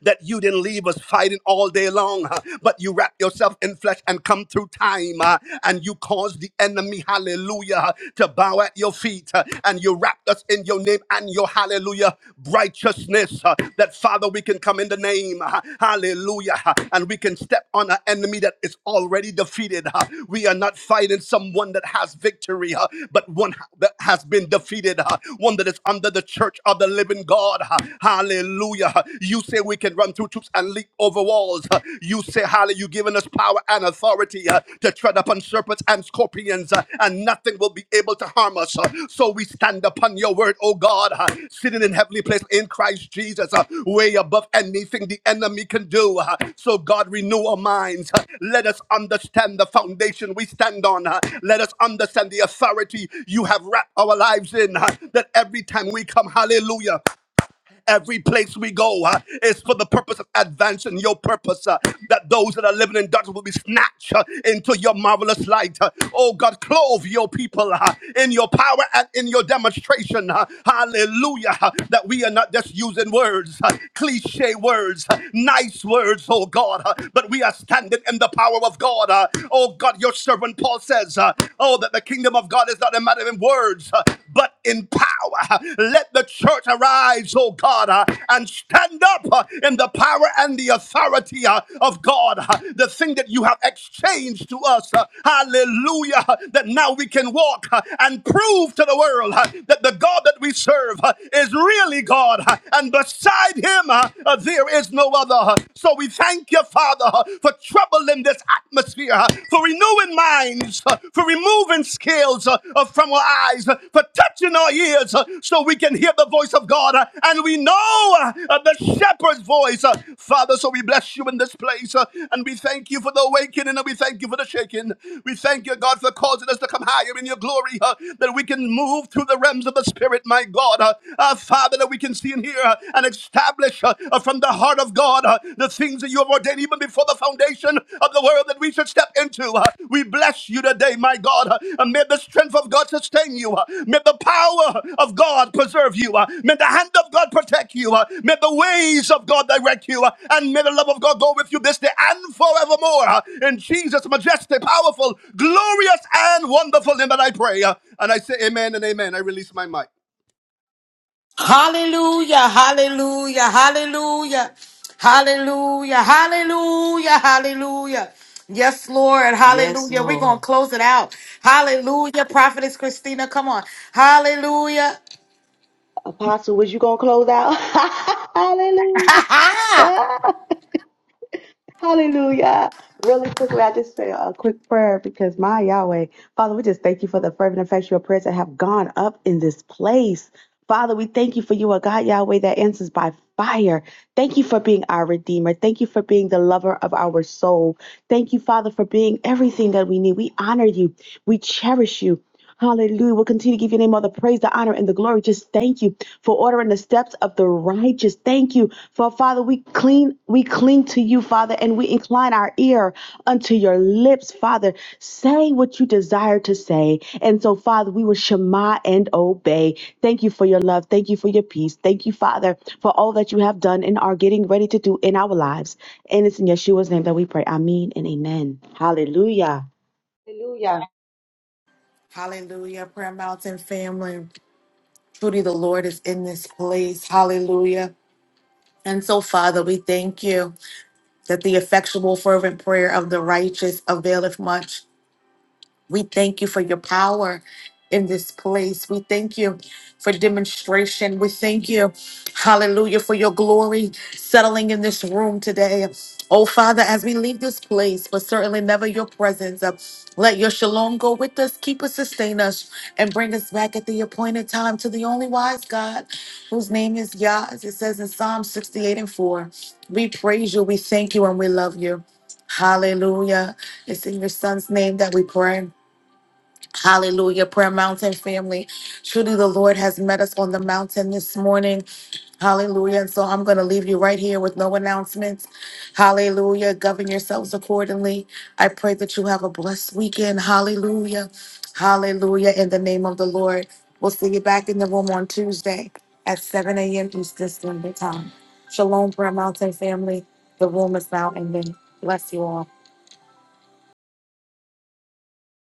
[SPEAKER 11] that you didn't leave us fighting all day long, uh, but you wrap yourself in flesh and come through time uh, and you caused the enemy, hallelujah, uh, to bow at your feet uh, and you wrapped us in your name and your hallelujah righteousness uh, that Father, we can come in the name, uh, hallelujah, uh, and we can step on an enemy that is already defeated. uh, We are not fighting someone that has victory, uh, but one that has been defeated, uh, one that is under the church of the living God. uh, Hallelujah. Hallelujah. You say we can run through troops and leap over walls. You say, Hallelujah, you've given us power and authority uh, to tread upon serpents and scorpions, uh, and nothing will be able to harm us. Uh, So we stand upon your word, oh God, uh, sitting in heavenly place in Christ Jesus, uh, way above anything the enemy can do. uh, So God, renew our minds. Uh, Let us understand the foundation we stand on. uh, Let us understand the authority you have wrapped our lives in. uh, That every time we come, hallelujah. Every place we go uh, is for the purpose of advancing your purpose, uh, that those that are living in darkness will be snatched uh, into your marvelous light. uh. oh God, clothe your people uh, in your power and in your demonstration. uh. hallelujah. uh, that we are not just using words, uh, cliche words, uh, nice words, oh God, uh, but we are standing in the power of God. uh. oh God, your servant Paul says, uh, oh, that the kingdom of God is not a matter of not in words, uh, but in power. uh, Let the church arise, oh God, uh, and stand up uh, in the power and the authority uh, of God. uh, The thing that you have exchanged to us, uh, hallelujah, uh, that now we can walk uh, and prove to the world uh, that the God that we serve uh, is really God, uh, and beside him uh, uh, there is no other. Uh, So we thank you, Father, uh, for troubling this atmosphere atmosphere, uh, for renewing minds, uh, for removing scales uh, uh, from our eyes, uh, for touching our ears uh, so we can hear the voice of God uh, and we know uh, uh, the shepherd's voice. uh, Father, so we bless you in this place uh, and we thank you for the awakening and we thank you for the shaking. We thank you, God, for causing us to come higher in your glory uh, that we can move through the realms of the Spirit, my God. Uh, uh, Father, that we can see and hear uh, and establish uh, uh, from from the heart of God, uh, the things that you have ordained even before the foundation of the world that we should step into. uh, We bless you today, my God. uh, And may the strength of God sustain you. uh, May the power of God preserve you. uh, May the hand of God protect you. uh, May the ways of God direct you. uh, And may the love of God go with you this day and forevermore. uh, In Jesus' majestic, powerful, glorious, and wonderful name that I pray. uh, And I say amen and amen. I release my mic.
[SPEAKER 1] Hallelujah. Hallelujah. Hallelujah. Hallelujah. Hallelujah. Hallelujah. Yes, Lord.
[SPEAKER 6] Yes,
[SPEAKER 1] Hallelujah. We're going to close it out. Hallelujah. Prophetess Christina, come on. Hallelujah.
[SPEAKER 7] Apostle, was you going to close out? Hallelujah. Hallelujah. Really quickly, I just say a quick prayer because my Yahweh, Father, we just thank you for the fervent effectual prayers that have gone up in this place. Father, we thank you for you, a God Yahweh that answers by fire. Thank you for being our Redeemer. Thank you for being the lover of our soul. Thank you, Father, for being everything that we need. We honor you. We cherish you. Hallelujah. We'll continue to give your name all the praise, the honor, and the glory. Just thank you for ordering the steps of the righteous. Thank you. For Father, we cling, we cling to you, Father, and we incline our ear unto your lips, Father. Say what you desire to say. And so, Father, we will shema and obey. Thank you for your love. Thank you for your peace. Thank you, Father, for all that you have done and are getting ready to do in our lives. And it's in Yeshua's name that we pray. Amen and amen. Hallelujah.
[SPEAKER 1] Hallelujah. Prayer Mountain family. Truly, the Lord is in this place. Hallelujah. And so, Father, we thank you that the effectual, fervent prayer of the righteous availeth much. We thank you for your power in this place. We thank you for demonstration. We thank you, hallelujah, for your glory settling in this room today. Oh, Father, as we leave this place, but certainly never your presence, uh, let your shalom go with us, keep us, sustain us, and bring us back at the appointed time to the only wise God, whose name is Yah, as it says in Psalm 68 and 4. We praise you, we thank you, and we love you. Hallelujah. It's in your son's name that we pray. Hallelujah, Prayer Mountain family. Truly, the Lord has met us on the mountain this morning. Hallelujah. And so I'm going to leave you right here with no announcements. Hallelujah. Govern yourselves accordingly. I pray that you have a blessed weekend. Hallelujah. Hallelujah. In the name of the Lord. We'll see you back in the room on Tuesday at 7 a.m. Eastern Standard Time. Shalom, Prayer Mountain family. The room is now ending. Bless you all.